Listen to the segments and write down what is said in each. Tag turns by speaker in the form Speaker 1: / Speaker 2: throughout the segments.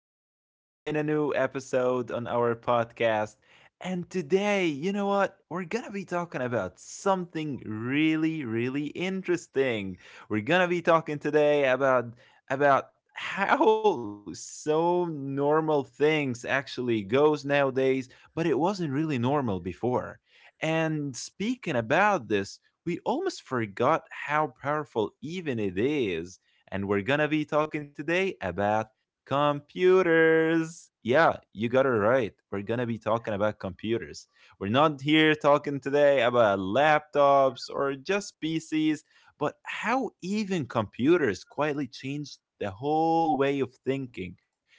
Speaker 1: and again in a new episode on our podcast. And today, you know what? We're going to be talking about something really, really interesting. We're going to be talking today about how so normal things actually goes nowadays, but it wasn't really normal before. And speaking about this, we almost forgot how powerful even it is and we're gonna be talking today about computers. Yeah, you got it right. We're gonna be talking about computers. We're not here talking today about laptops or just PCs, but how even computers quietly changed the whole way of thinking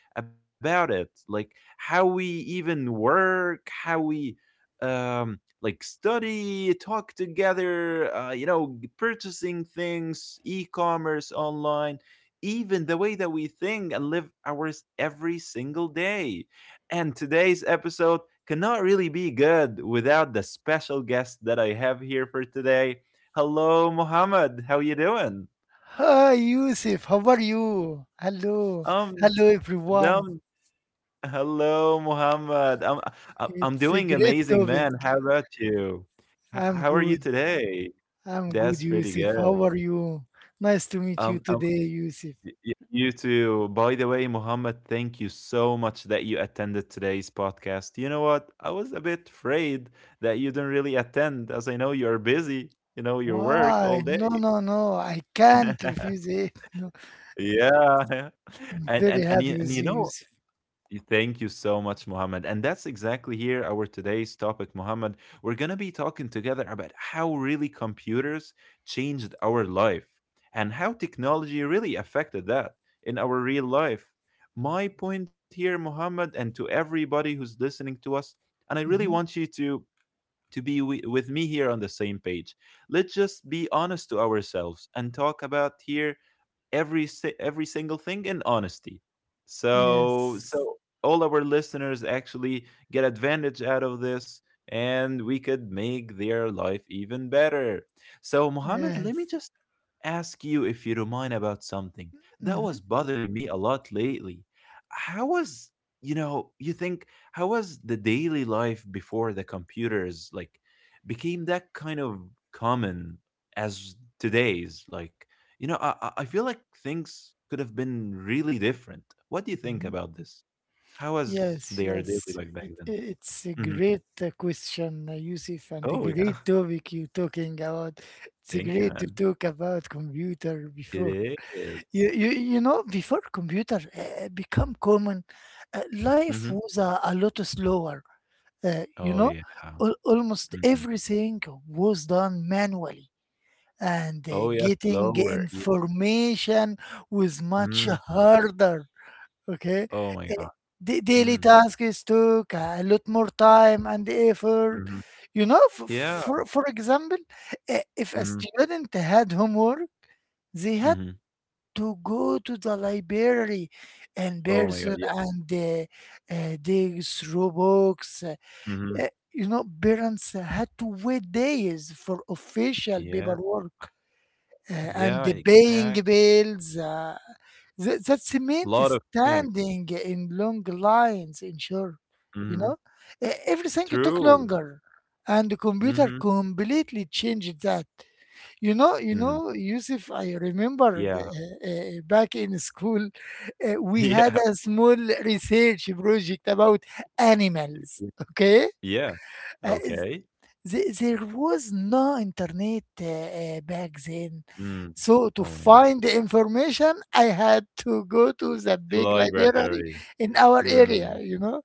Speaker 1: about it. Like how we even work, how we like study talk together, you know, purchasing things, e-commerce online, even the way that we think and live ours every single day. And today's episode cannot really be good without the special guest that I have here for today. Hello, Mohammed. How you doing?
Speaker 2: Hi, Yusuf. How are you? Hello.
Speaker 1: Um,
Speaker 2: Hello, everyone.
Speaker 1: um hello, Mohammed. I'm
Speaker 2: It's a
Speaker 1: doing
Speaker 2: great
Speaker 1: amazing,
Speaker 2: topic.
Speaker 1: man. How about you?
Speaker 2: I'm
Speaker 1: How are you
Speaker 2: good.
Speaker 1: today?
Speaker 2: I'm good,
Speaker 1: That's pretty
Speaker 2: Yusuf. How
Speaker 1: good.
Speaker 2: are you? Nice to meet you
Speaker 1: Um,
Speaker 2: today, Yusuf.
Speaker 1: You too. By the way, Muhammad, thank you so much that you attended today's podcast. You know what? I was a bit afraid that you didn't really attend, as I know you're busy, you know, your work all
Speaker 2: Why? No,
Speaker 1: day.
Speaker 2: no, no. I can't refuse it. No.
Speaker 1: Yeah.
Speaker 2: I'm
Speaker 1: And
Speaker 2: very
Speaker 1: and and
Speaker 2: happy
Speaker 1: you, and
Speaker 2: with
Speaker 1: you
Speaker 2: you,
Speaker 1: know
Speaker 2: Yusuf.
Speaker 1: Y- thank you so much, Mohammed. And that's exactly here our today's topic, Mohammed. We're going to be talking together about how really computers changed our life and how technology really affected that in our real life. My point here, Mohammed, and to everybody who's listening to us, and I really
Speaker 2: hmm
Speaker 1: want you to with me here on the same page. Let's just be honest to ourselves and talk about here every single thing in honesty. So
Speaker 2: Yes.
Speaker 1: so all our listeners actually get advantage out of this and we could make their life even better. So Mohammed, let
Speaker 2: Yes.
Speaker 1: me just ask you if you don't mind about something that
Speaker 2: hmm
Speaker 1: was bothering me a lot lately. How was, you know, you think, how was the daily life before the computers like became that kind of common as today's? Like, you know, I feel like things could have been really different. What do you think about this? How was
Speaker 2: Yes,
Speaker 1: their daily
Speaker 2: yes.
Speaker 1: life back
Speaker 2: It,
Speaker 1: then?
Speaker 2: i- it's a
Speaker 1: Mhm.
Speaker 2: great question, Yusuf, and a
Speaker 1: Oh, yeah.
Speaker 2: great topic you're talking about. It's
Speaker 1: Thank you,
Speaker 2: great to
Speaker 1: man.
Speaker 2: talk about computer before.
Speaker 1: It
Speaker 2: You,
Speaker 1: is.
Speaker 2: you, you know, before computer become common, life
Speaker 1: Mhm.
Speaker 2: was a lot slower. Uh, you
Speaker 1: Oh,
Speaker 2: know,
Speaker 1: yeah.
Speaker 2: Al almost
Speaker 1: Mhm.
Speaker 2: everything was done manually, and
Speaker 1: Oh, yeah,
Speaker 2: getting
Speaker 1: slower. Yeah.
Speaker 2: information was much
Speaker 1: Mhm.
Speaker 2: harder. Okay.
Speaker 1: Oh my
Speaker 2: Eh,
Speaker 1: god.
Speaker 2: The daily
Speaker 1: Mm.
Speaker 2: tasks took a lot more time and effort.
Speaker 1: Mhm.
Speaker 2: You know,
Speaker 1: Yeah.
Speaker 2: for example, if a
Speaker 1: Mhm.
Speaker 2: student had homework, they had
Speaker 1: Mhm.
Speaker 2: to go to the library in
Speaker 1: Oh my
Speaker 2: person
Speaker 1: god, yeah.
Speaker 2: and dig through books.
Speaker 1: Mhm.
Speaker 2: You know, parents had to wait days for official
Speaker 1: Yeah.
Speaker 2: paperwork and
Speaker 1: Yeah,
Speaker 2: the paying
Speaker 1: exact.
Speaker 2: bills. The
Speaker 1: A lot of
Speaker 2: cement is
Speaker 1: things.
Speaker 2: standing in long lines in sure,
Speaker 1: Mhm.
Speaker 2: you know? Everything took
Speaker 1: True.
Speaker 2: longer and the
Speaker 1: Mhm.
Speaker 2: computer completely changed that. You know, you
Speaker 1: Mhm.
Speaker 2: know, Yusuf, I remember
Speaker 1: Yeah.
Speaker 2: uh, back in school, we had a small research project about animals,
Speaker 1: Yeah.
Speaker 2: okay?
Speaker 1: Yeah.
Speaker 2: uh,
Speaker 1: Okay.
Speaker 2: there was no internet back then.
Speaker 1: Mm.
Speaker 2: So to
Speaker 1: Oh, yeah.
Speaker 2: find the information, I had to go to the
Speaker 1: The
Speaker 2: big library
Speaker 1: library.
Speaker 2: in our
Speaker 1: Mm.
Speaker 2: area, you know.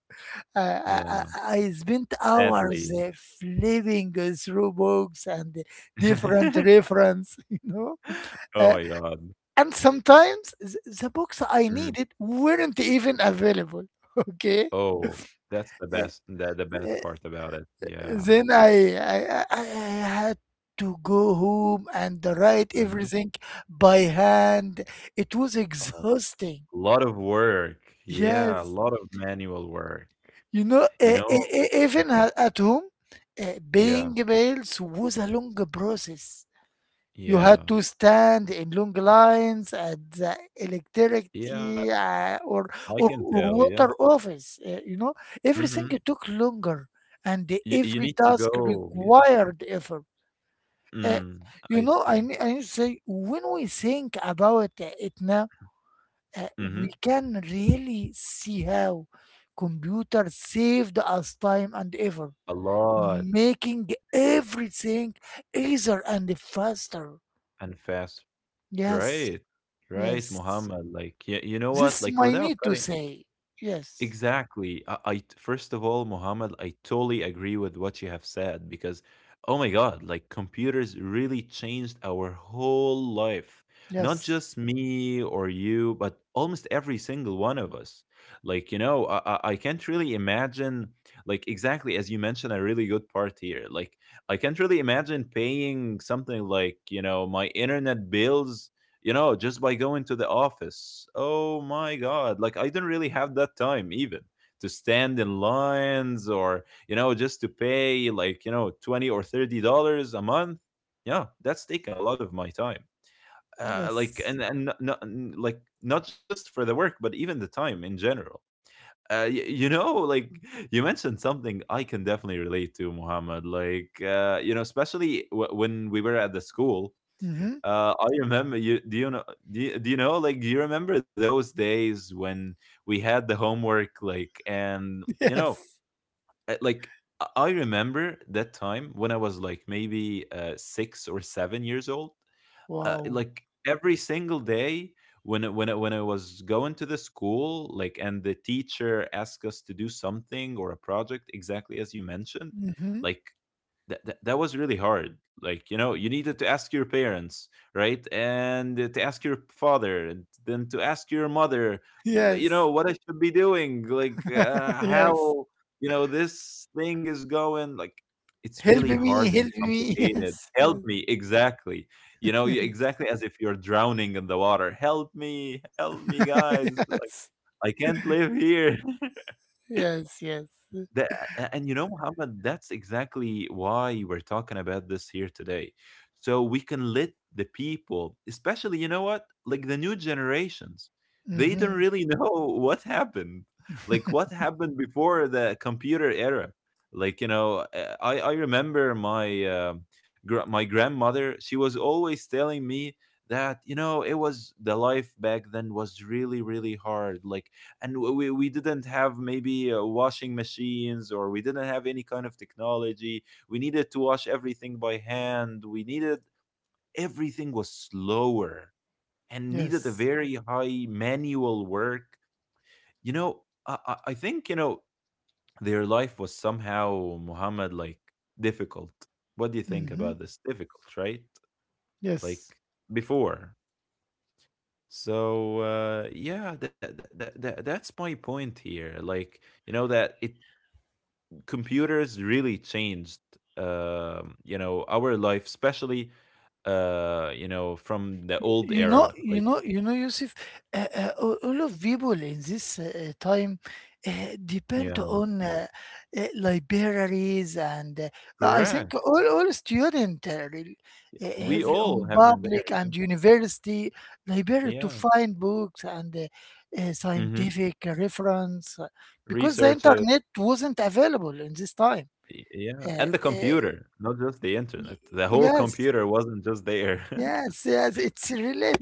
Speaker 2: Uh,
Speaker 1: Yeah,
Speaker 2: I, I spent hours
Speaker 1: sadly.
Speaker 2: flipping through books and different reference, you know.
Speaker 1: Oh
Speaker 2: Uh,
Speaker 1: my god.
Speaker 2: and sometimes the books I
Speaker 1: Mhm.
Speaker 2: needed weren't even available, okay?
Speaker 1: Oh, that's the
Speaker 2: Uh,
Speaker 1: best, the bad
Speaker 2: uh,
Speaker 1: part about it. Yeah.
Speaker 2: Then I had to go home and write
Speaker 1: Mhm.
Speaker 2: everything by hand. It was exhausting.
Speaker 1: A lot of work. Yeah, a
Speaker 2: Yes.
Speaker 1: lot of manual work.
Speaker 2: You know,
Speaker 1: You know? Yeah.
Speaker 2: at home, paying
Speaker 1: Yeah.
Speaker 2: bills was a long process. You had
Speaker 1: Yeah.
Speaker 2: to stand in long lines at the
Speaker 1: Yeah,
Speaker 2: electricity uh, or,
Speaker 1: I
Speaker 2: or
Speaker 1: can
Speaker 2: or
Speaker 1: tell, yeah.
Speaker 2: water office. You know, everything
Speaker 1: Mhm.
Speaker 2: took longer, and
Speaker 1: You
Speaker 2: every
Speaker 1: need to
Speaker 2: task
Speaker 1: go. Yeah.
Speaker 2: required effort. Uh,
Speaker 1: Mm,
Speaker 2: you
Speaker 1: I
Speaker 2: know,
Speaker 1: see.
Speaker 2: I need to say, when we think about it now,
Speaker 1: Mhm.
Speaker 2: we can really see how computers saved us time and effort,
Speaker 1: A lot
Speaker 2: making everything easier and faster.
Speaker 1: and fast.
Speaker 2: Yes,
Speaker 1: Right. Right,
Speaker 2: yes.
Speaker 1: Muhammad. Like, yeah, you know what?
Speaker 2: This
Speaker 1: Like,
Speaker 2: my
Speaker 1: without
Speaker 2: need to
Speaker 1: cutting.
Speaker 2: say. Yes,
Speaker 1: Exactly. First of all, Muhammad, I totally agree with what you have said because, oh my God, like computers really changed our whole life. Not
Speaker 2: yes,
Speaker 1: just me or you, but almost every single one of us. Like, you know, I can't really imagine, like, exactly as you mentioned, a really good part here. Like, I can't really imagine paying something like, you know, my internet bills, you know, just by going to the office. Oh my God. Like, I didn't really have that time even to stand in lines or, you know, just to pay like, you know, 20 or $30 a month. Yeah, that's taken a lot of my time. Like,
Speaker 2: yes.
Speaker 1: and like, not just for the work, but even the time in general. You know, like, you mentioned something I can definitely relate to, Muhammad. Like, you know, especially when we were at the school,
Speaker 2: Mm-hmm.
Speaker 1: I remember you. Do you know? Do you know? Like, do you remember those days when we had the homework? Like, and you know,
Speaker 2: Yes.
Speaker 1: like, I remember that time when I was like maybe six or seven years old.
Speaker 2: Wow.
Speaker 1: Like every single day when I was going to the school, like, and the teacher asked us to do something or a project, exactly as you mentioned.
Speaker 2: Mm-hmm.
Speaker 1: Like that was really hard. Like, you know, you needed to ask your parents, right, and to ask your father and then to ask your mother. Mm, you know
Speaker 2: Yes,
Speaker 1: what I should be doing. Like,
Speaker 2: yes.
Speaker 1: how, you know, this thing is going. Like, it's
Speaker 2: Help
Speaker 1: really
Speaker 2: me,
Speaker 1: hard and
Speaker 2: help me.
Speaker 1: complicated.
Speaker 2: Yes,
Speaker 1: Help
Speaker 2: yes.
Speaker 1: me, exactly. You know, you exactly as if you're drowning in the water. Help me, help me, guys. Like,
Speaker 2: yes,
Speaker 1: I can't live here,
Speaker 2: yes, yes.
Speaker 1: that. A And you know, Muhammad, that's exactly why we're talking about this here today. So we can let the people, especially, you know what, like the new generations, they don't
Speaker 2: hmm
Speaker 1: really know what happened, like what happened before the computer era. Like, you know, I remember my, my grandmother. She was always telling me that, you know, it was the life back then was really, really hard. Like, and we didn't have maybe washing machines, or we didn't have any kind of technology. We needed to wash everything by hand. We needed everything was slower and needed a
Speaker 2: Yes.
Speaker 1: very high manual work, you know. I think, you know, their life was somehow, Muhammad, like difficult. What do you think
Speaker 2: hmm
Speaker 1: about this? Difficult, right?
Speaker 2: Yes.
Speaker 1: Like before. So, uh, yeah, that's my point here. Like, you know that it computers really changed, you know, our life, especially, you know, from the old
Speaker 2: Y- You know,
Speaker 1: era.
Speaker 2: you
Speaker 1: Like,
Speaker 2: know, you know, Yusuf, all of people in this time
Speaker 1: yeah,
Speaker 2: depend on libraries and I think
Speaker 1: correct,
Speaker 2: all students
Speaker 1: we
Speaker 2: heavily
Speaker 1: all
Speaker 2: on
Speaker 1: have been there.
Speaker 2: public and university library to
Speaker 1: Yeah,
Speaker 2: find books and
Speaker 1: yeah. Hmm.
Speaker 2: scientific reference because the
Speaker 1: Researches.
Speaker 2: internet wasn't available in this time.
Speaker 1: Y- yeah,
Speaker 2: Uh,
Speaker 1: and the
Speaker 2: uh,
Speaker 1: computer, not just the
Speaker 2: y-
Speaker 1: internet, the whole
Speaker 2: yes,
Speaker 1: computer wasn't just there.
Speaker 2: yes. It's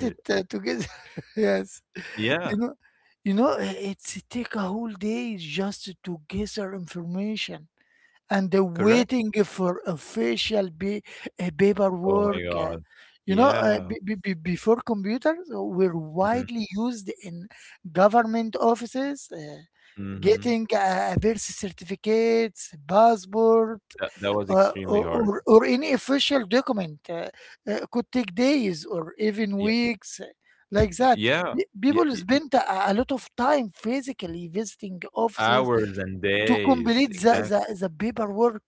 Speaker 1: Y-
Speaker 2: together. yes, you
Speaker 1: yeah.
Speaker 2: know, you know. i- It's take a whole day just to gather information and
Speaker 1: Correct.
Speaker 2: waiting for official
Speaker 1: Oh my
Speaker 2: paperwork. Uh,
Speaker 1: god.
Speaker 2: you know, uh,
Speaker 1: Yeah.
Speaker 2: be- be- be- before computers were
Speaker 1: Hmm.
Speaker 2: widely used in government offices,
Speaker 1: Hmm.
Speaker 2: getting a birth certificates, passport
Speaker 1: That, that was
Speaker 2: or
Speaker 1: extremely hard.
Speaker 2: any official document could take days or even
Speaker 1: Yeah.
Speaker 2: weeks, like that.
Speaker 1: Yeah,
Speaker 2: Pe-
Speaker 1: yeah.
Speaker 2: people spend a lot of time physically visiting offices
Speaker 1: Hours and
Speaker 2: to
Speaker 1: days,
Speaker 2: complete
Speaker 1: exactly.
Speaker 2: the paperwork.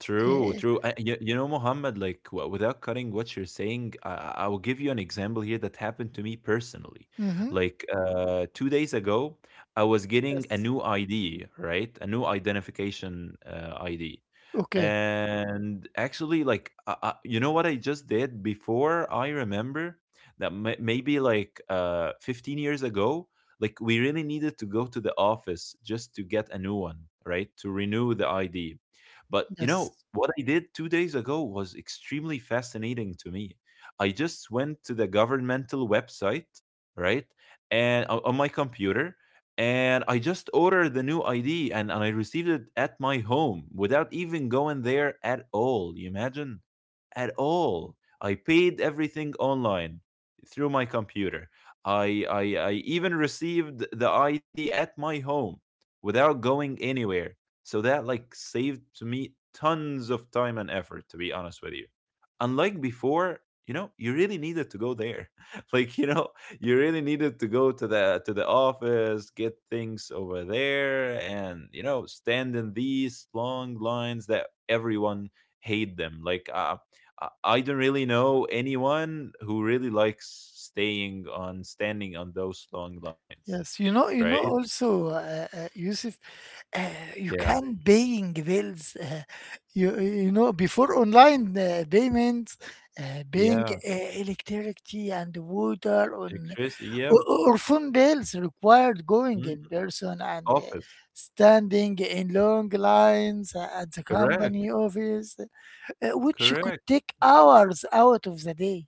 Speaker 1: True,
Speaker 2: uh,
Speaker 1: true. You know, Mohammed, like, without cutting what you're saying, I will give you an example here that happened to me personally.
Speaker 2: mhm.
Speaker 1: Like 2 days ago, I was getting a
Speaker 2: Yes.
Speaker 1: new ID, right? A new identification ID.
Speaker 2: Okay.
Speaker 1: And actually, like, you know what I just did before? I remember that maybe like 15 years ago, like, we really needed to go to the office just to get a new one, right? To renew the ID. But, you
Speaker 2: Yes.
Speaker 1: know, what I did 2 days ago was extremely fascinating to me. I just went to the governmental website, right? And on my computer, and I just ordered the new ID, and I received it at my home without even going there at all. You imagine? At all. I paid everything online through my computer. I even received the ID at my home without going anywhere. So that like saved to me tons of time and effort, to be honest with you. Unlike before, you know, you really needed to go there. Like, you know, you really needed to go to the office, get things over there, and, you know, stand in these long lines that everyone hate them. Like, I I don't really know anyone who really likes staying on standing on those long lines,
Speaker 2: Yes. you know you
Speaker 1: right?
Speaker 2: know also, Yusuf, Uh, you
Speaker 1: Yeah,
Speaker 2: can paying bills. Before online payments, paying
Speaker 1: yeah,
Speaker 2: electricity and water on
Speaker 1: electricity, yeah,
Speaker 2: or, or phone bills required going
Speaker 1: mm,
Speaker 2: in person and
Speaker 1: office,
Speaker 2: standing in long lines at the company
Speaker 1: correct,
Speaker 2: office, which could
Speaker 1: correct.
Speaker 2: take hours out of the day.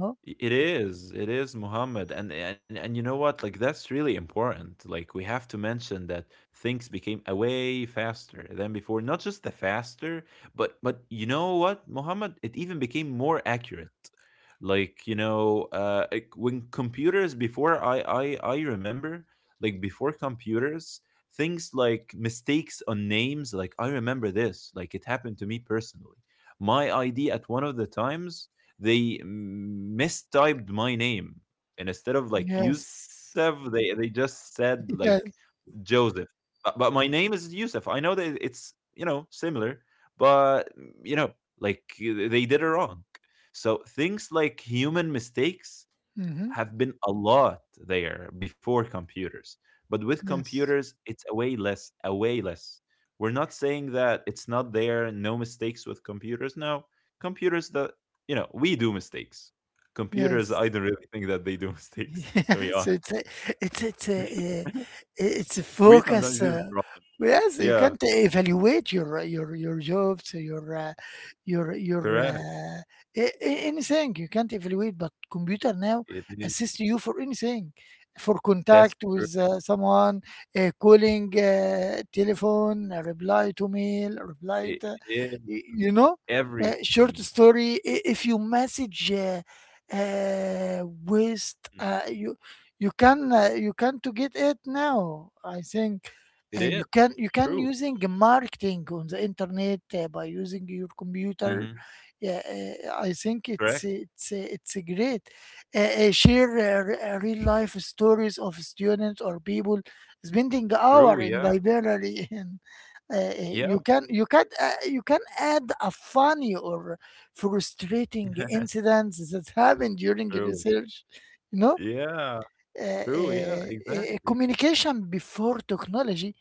Speaker 2: No.
Speaker 1: It is Muhammad, and you know what? Like, that's really important. Like, we have to mention that things became a way faster than before. Not just the faster, but you know what, Muhammad? It even became more accurate. Like, you know, when computers before I I remember, like before computers, things like mistakes on names. Like, I remember this. Like, it happened to me personally. My ID at one of the times they mistyped my name, and instead of like Yusef,
Speaker 2: Yes.
Speaker 1: they they just said like
Speaker 2: Yes.
Speaker 1: Joseph. But my name is Yusef. I know that it's, you know, similar, but, you know, like they did it wrong. So things like human mistakes
Speaker 2: Hmm.
Speaker 1: have been a lot there before computers. But with
Speaker 2: Yes.
Speaker 1: computers, it's a way less, a way less. We're not saying that it's not there, no mistakes with computers. No, computers that, you know, we do mistakes. Computers,
Speaker 2: Yes.
Speaker 1: I don't really think that they do mistakes, to be
Speaker 2: Yes,
Speaker 1: honest.
Speaker 2: it's it's a uh, it's a
Speaker 1: We sometimes
Speaker 2: focus.
Speaker 1: use it wrong.
Speaker 2: Yes, you
Speaker 1: Yeah,
Speaker 2: can't evaluate your jobs, your your
Speaker 1: correct.
Speaker 2: uh, anything. You can't evaluate, but computer now
Speaker 1: It is.
Speaker 2: assists you for anything, for
Speaker 1: That's
Speaker 2: contact
Speaker 1: true.
Speaker 2: with someone, calling, telephone, reply to mail, reply
Speaker 1: It
Speaker 2: to,
Speaker 1: is
Speaker 2: you know,
Speaker 1: everything.
Speaker 2: short story. If you message. Waste.
Speaker 1: Mhm.
Speaker 2: You You can, you can to get it now. I think
Speaker 1: It is
Speaker 2: you
Speaker 1: true.
Speaker 2: can using marketing on the internet by using your
Speaker 1: Hmm.
Speaker 2: computer. Yeah, I think
Speaker 1: Correct.
Speaker 2: it's great. Share real life stories of students or people spending
Speaker 1: True.
Speaker 2: hour
Speaker 1: Yeah.
Speaker 2: in library and
Speaker 1: Yeah.
Speaker 2: you can add a funny or frustrating incidents that happened during
Speaker 1: True.
Speaker 2: research, you know?
Speaker 1: Yeah, true, yeah, exactly.
Speaker 2: Communication before technology,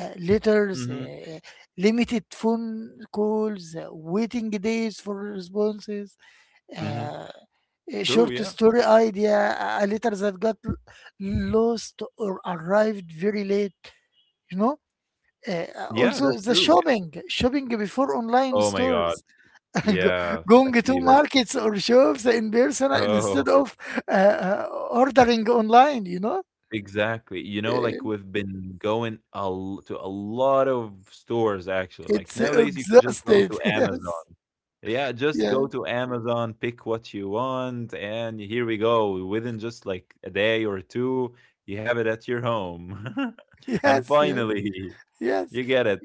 Speaker 2: letters,
Speaker 1: Mhm,
Speaker 2: limited phone calls, waiting days for responses,
Speaker 1: mhm.
Speaker 2: uh, a
Speaker 1: True,
Speaker 2: short
Speaker 1: yeah.
Speaker 2: story idea, a letter that got lost or arrived very late, you know? Uh,
Speaker 1: Yeah,
Speaker 2: Also,
Speaker 1: that's
Speaker 2: the
Speaker 1: true, yeah.
Speaker 2: shopping, shopping before online
Speaker 1: Oh my god.
Speaker 2: stores, Go-
Speaker 1: Yeah,
Speaker 2: going to
Speaker 1: definitely this.
Speaker 2: markets or shops in person instead
Speaker 1: Oh,
Speaker 2: of ordering online, you know?
Speaker 1: exactly. You know,
Speaker 2: Uh,
Speaker 1: like, we've been going a l to a lot of stores, actually, like,
Speaker 2: It's
Speaker 1: nowadays, you could just go
Speaker 2: exhausted.
Speaker 1: to Amazon. Yeah, just
Speaker 2: Yes. Yeah.
Speaker 1: go to Amazon, pick what you want, and here we go. Within just, like, a day or 2, you have it at your home. And
Speaker 2: Yes.
Speaker 1: finally, you
Speaker 2: Yes.
Speaker 1: get it.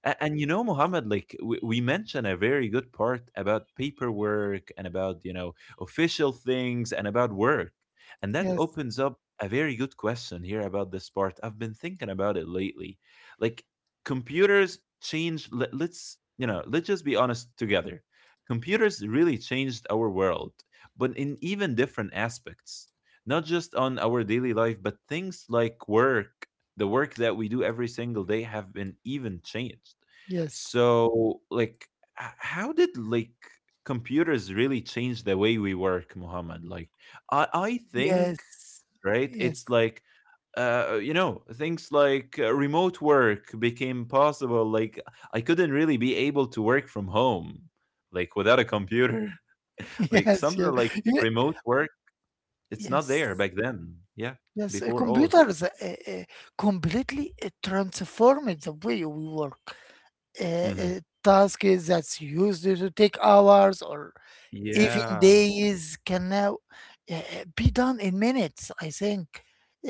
Speaker 1: And you know Mohammed, like we mentioned a very good part about paperwork and about you know official things and about work, and that
Speaker 2: Yes.
Speaker 1: opens up a very good question here about this part. I've been thinking about it lately, like computers change. Let's you know let's just be honest together. Computers really changed our world, but in even different aspects, not just on our daily life but things like work. The work that we do every single day have been even changed.
Speaker 2: Yes.
Speaker 1: So like, how did computers really change the way we work, Muhammad? Like, I
Speaker 2: Yes.
Speaker 1: think,
Speaker 2: Yes.
Speaker 1: right?
Speaker 2: Yes.
Speaker 1: It's like, you know, things like remote work became possible. Like, I couldn't really be able to work from home like without a computer. Like
Speaker 2: Yes. Yes.
Speaker 1: something like
Speaker 2: Ye-
Speaker 1: remote work, it's not there
Speaker 2: Yes.
Speaker 1: back then, yeah.
Speaker 2: Yes.
Speaker 1: Before all of
Speaker 2: Computers uh, completely transformed the way we work.
Speaker 1: that,
Speaker 2: A,
Speaker 1: hmm,
Speaker 2: a task is that's used to take hours or even
Speaker 1: yeah,
Speaker 2: days can now uh, be done in minutes, I think.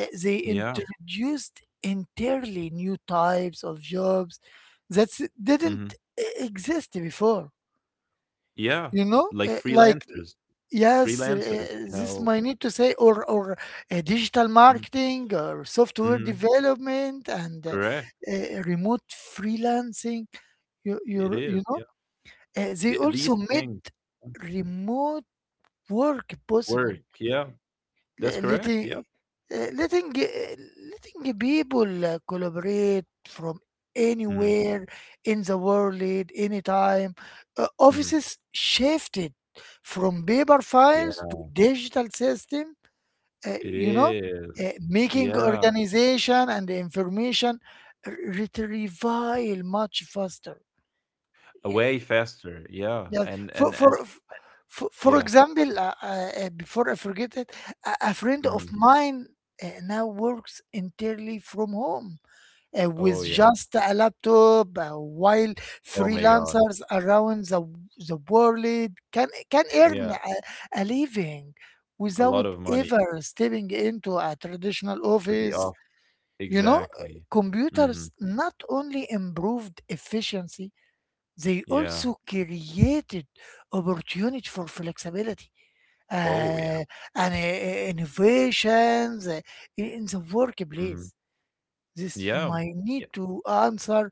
Speaker 2: They
Speaker 1: yeah.
Speaker 2: introduced entirely new types of jobs that
Speaker 1: Mhm.
Speaker 2: didn't exist before.
Speaker 1: Yeah,
Speaker 2: You know,
Speaker 1: like
Speaker 2: Like
Speaker 1: freelancers,
Speaker 2: yes,
Speaker 1: freelancers, you
Speaker 2: this
Speaker 1: know?
Speaker 2: might need to say, or digital
Speaker 1: Mhm,
Speaker 2: marketing, or software
Speaker 1: mhm,
Speaker 2: development, and
Speaker 1: correct,
Speaker 2: remote freelancing. You you
Speaker 1: it is,
Speaker 2: you know,
Speaker 1: yeah.
Speaker 2: They
Speaker 1: The
Speaker 2: also
Speaker 1: these
Speaker 2: made
Speaker 1: things, mm,
Speaker 2: remote work possible,
Speaker 1: work, yeah, that's
Speaker 2: le-
Speaker 1: correct, yeah.
Speaker 2: letting uh, letting uh, letting people collaborate from
Speaker 1: Mhm,
Speaker 2: anywhere in the world at any time.
Speaker 1: mhm,
Speaker 2: Offices shifted from paper
Speaker 1: yeah,
Speaker 2: files to digital system, uh,
Speaker 1: it
Speaker 2: you know,
Speaker 1: is,
Speaker 2: uh, making
Speaker 1: yeah,
Speaker 2: organization and information retrieval much faster. Yeah,
Speaker 1: way faster, yeah,
Speaker 2: yes.
Speaker 1: and and and
Speaker 2: For
Speaker 1: yeah,
Speaker 2: example, before I forget it, a friend of
Speaker 1: mhm.
Speaker 2: mine now works entirely from home with
Speaker 1: Oh, yeah,
Speaker 2: just a laptop, while
Speaker 1: oh my god,
Speaker 2: freelancers around the world can earn
Speaker 1: yeah,
Speaker 2: a living
Speaker 1: a
Speaker 2: without
Speaker 1: lot of money
Speaker 2: ever stepping into a traditional
Speaker 1: for the
Speaker 2: office.
Speaker 1: off,
Speaker 2: You know,
Speaker 1: exactly,
Speaker 2: computers
Speaker 1: mhm,
Speaker 2: not only improved efficiency, they
Speaker 1: yeah,
Speaker 2: also created opportunity for flexibility
Speaker 1: oh,
Speaker 2: uh,
Speaker 1: yeah,
Speaker 2: and innovations in the
Speaker 1: mhm,
Speaker 2: workplace. This
Speaker 1: yeah,
Speaker 2: my
Speaker 1: yeah,
Speaker 2: need to answer,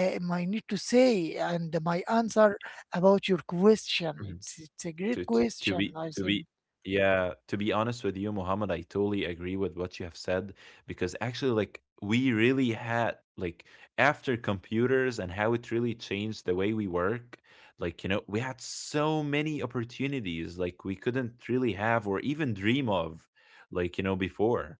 Speaker 2: my need to say, and my answer about your question.
Speaker 1: mhm.
Speaker 2: It's a great
Speaker 1: To to to
Speaker 2: question,
Speaker 1: be
Speaker 2: I
Speaker 1: to
Speaker 2: think.
Speaker 1: be yeah, to be honest with you, Muhammad, I totally agree with what you have said, because actually, like, we really had, like, after computers and how it really changed the way we work, like, you know, we had so many opportunities, like, we couldn't really have or even dream of, like, you know, before.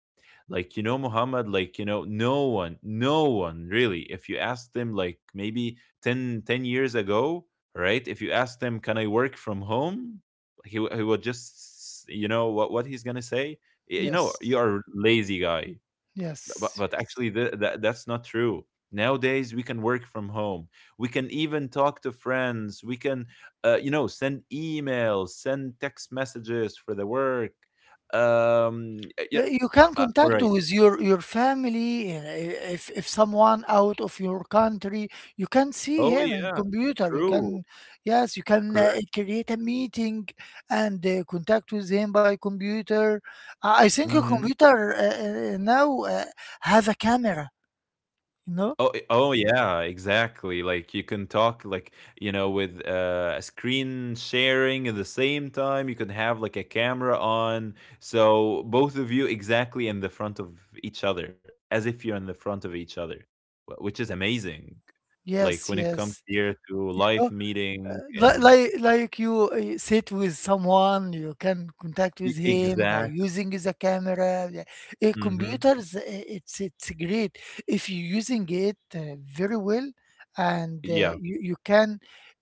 Speaker 1: Like, you know, Muhammad, like, you know, no one, no one really, if you asked them, like, maybe 10 10 years ago, right? If you ask them, "Can I work from home?" He would just, you know what he's gonna say. You know, you
Speaker 2: Yes,
Speaker 1: are a lazy guy, but
Speaker 2: yes,
Speaker 1: but actually
Speaker 2: yes.
Speaker 1: th- that that's not true. Nowadays we can work from home. We can even talk to friends. We can you know send emails, send text messages for the work. Yeah.
Speaker 2: You can
Speaker 1: All
Speaker 2: contact
Speaker 1: right.
Speaker 2: with your family. If someone out of your country, you can see
Speaker 1: Oh
Speaker 2: him in
Speaker 1: yeah,
Speaker 2: computer, you can,
Speaker 1: true.
Speaker 2: yes, you can
Speaker 1: Correct.
Speaker 2: create a meeting and contact with him by computer. I think a
Speaker 1: Mm-hmm.
Speaker 2: computer now uh, has a camera, you know.
Speaker 1: Oh, I oh, yeah, exactly. Like you can talk like, you know, with a screen sharing at the same time. You can have like a camera on. So both of you exactly in the front of each other, as if you're in the front of each other, which is amazing. Like when
Speaker 2: Yes,
Speaker 1: it comes
Speaker 2: yes.
Speaker 1: here to life meeting and
Speaker 2: Like you sit with someone, you can contact with
Speaker 1: e-
Speaker 2: him by
Speaker 1: exact.
Speaker 2: using the camera, yeah.
Speaker 1: Hmm.
Speaker 2: Computers, it's great if you're using it very well, and
Speaker 1: Yeah,
Speaker 2: you can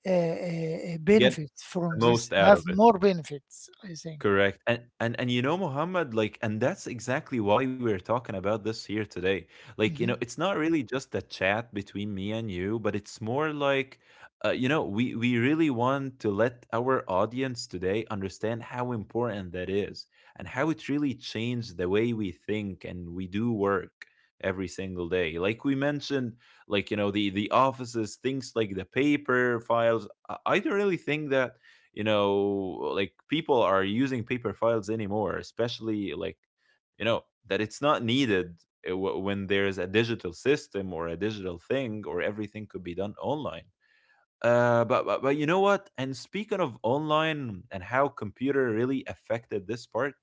Speaker 1: get
Speaker 2: benefit from
Speaker 1: the
Speaker 2: this,
Speaker 1: most out
Speaker 2: have
Speaker 1: of it.
Speaker 2: more benefits, I think.
Speaker 1: Correct. And you know, Muhammad, like, and that's exactly why we're talking about this here today. Like, you know,
Speaker 2: Mhm.
Speaker 1: it's not really just a chat between me and you, but it's more like, you know, we really want to let our audience today understand how important that is, and how it really changed the way we think and we do work every single day. Like we mentioned, like, you know, the offices, things like the paper files. I don't really think that, you know, like people are using paper files anymore, especially like, you know, that it's not needed when there's a digital system or a digital thing or everything could be done online. But you know what? And speaking of online and how computer really affected this part,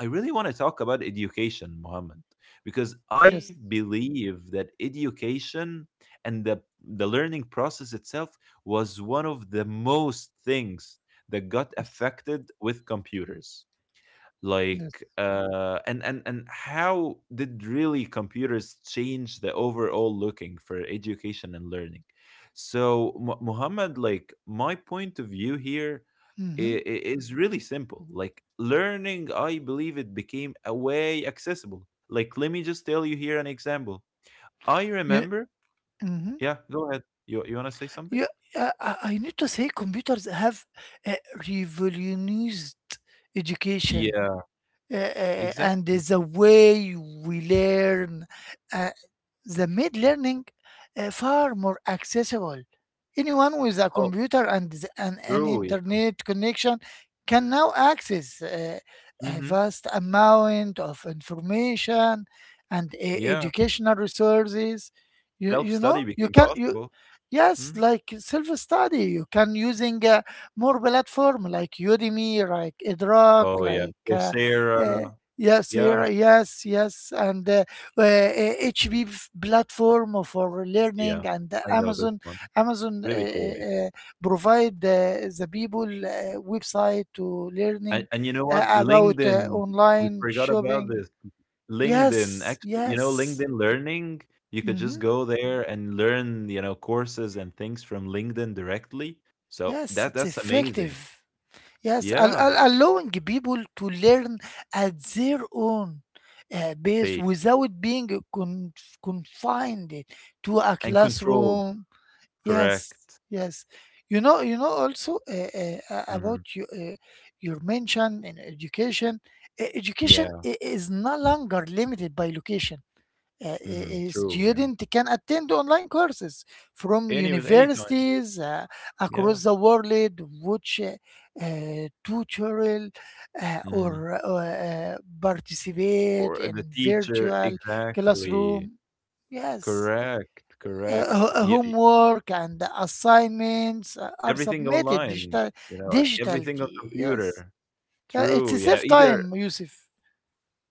Speaker 1: I really want to talk about education, Mohammed, because I
Speaker 2: Yes.
Speaker 1: believe that education and the learning process itself was one of the most things that got
Speaker 2: Yes.
Speaker 1: affected with computers.
Speaker 2: Yes.
Speaker 1: Like and how did really computers change the overall looking for education and learning? So Muhammad, like my point of view here i-
Speaker 2: Hmm.
Speaker 1: i- is really simple. Like learning, I believe it became a way accessible. Like let me just tell you here an example. I
Speaker 2: Yeah.
Speaker 1: remember,
Speaker 2: Hmm.
Speaker 1: yeah, go ahead. You want to say something?
Speaker 2: Yeah. I need to say computers have uh, revolutionized education
Speaker 1: Yeah,
Speaker 2: and
Speaker 1: exactly.
Speaker 2: the way we learn. uh, they made learning far more accessible. Anyone with a
Speaker 1: Oh
Speaker 2: computer and an
Speaker 1: true, yeah,
Speaker 2: internet connection can now access a
Speaker 1: mm-hmm.
Speaker 2: vast amount of information and
Speaker 1: Yeah,
Speaker 2: educational resources. You, you
Speaker 1: self-study
Speaker 2: know, you
Speaker 1: became
Speaker 2: can, you,
Speaker 1: possible.
Speaker 2: yes,
Speaker 1: Hmm?
Speaker 2: like self-study, you can using more platform like Udemy, like Edrock,
Speaker 1: Oh, yeah.
Speaker 2: like
Speaker 1: Coursera.
Speaker 2: uh, yes,
Speaker 1: Yeah,
Speaker 2: here, yes, yes, and uh, HB platform for
Speaker 1: yeah.
Speaker 2: learning and
Speaker 1: I know this
Speaker 2: Amazon.
Speaker 1: one.
Speaker 2: Amazon
Speaker 1: Really cool, yeah.
Speaker 2: provide the people website to learning
Speaker 1: And you know what?
Speaker 2: about
Speaker 1: LinkedIn, we
Speaker 2: online
Speaker 1: forgot about
Speaker 2: shopping.
Speaker 1: this. LinkedIn,
Speaker 2: Yes,
Speaker 1: actually, you know,
Speaker 2: yes.
Speaker 1: LinkedIn Learning, you could just
Speaker 2: Hmm.
Speaker 1: go there and learn, you know, courses and things from LinkedIn directly. So
Speaker 2: Yes,
Speaker 1: that
Speaker 2: it's
Speaker 1: that's amazing.
Speaker 2: effective. Yes,
Speaker 1: Yeah,
Speaker 2: allowing people to learn at their own pace
Speaker 1: pace
Speaker 2: without being confined to a
Speaker 1: and controlled.
Speaker 2: classroom.
Speaker 1: Correct.
Speaker 2: Yes, yes. You know also,
Speaker 1: Hmm.
Speaker 2: about you, your mention in education. Education
Speaker 1: Yeah.
Speaker 2: is no longer limited by location.
Speaker 1: Mm,
Speaker 2: A
Speaker 1: true. Yeah.
Speaker 2: student can attend online courses from
Speaker 1: Anyways, anytime.
Speaker 2: universities
Speaker 1: Yeah.
Speaker 2: across the world, which tutorial
Speaker 1: Hmm.
Speaker 2: or participate
Speaker 1: Or
Speaker 2: in
Speaker 1: the teacher,
Speaker 2: virtual
Speaker 1: exactly.
Speaker 2: classroom. Yes,
Speaker 1: Correct, correct. Yeah,
Speaker 2: homework and assignments are
Speaker 1: everything
Speaker 2: submitted
Speaker 1: online,
Speaker 2: digital
Speaker 1: you know, everything on
Speaker 2: digitally. Yes,
Speaker 1: computer.
Speaker 2: yeah, it's
Speaker 1: True,
Speaker 2: a
Speaker 1: you know,
Speaker 2: safe
Speaker 1: either.
Speaker 2: time, Yusuf.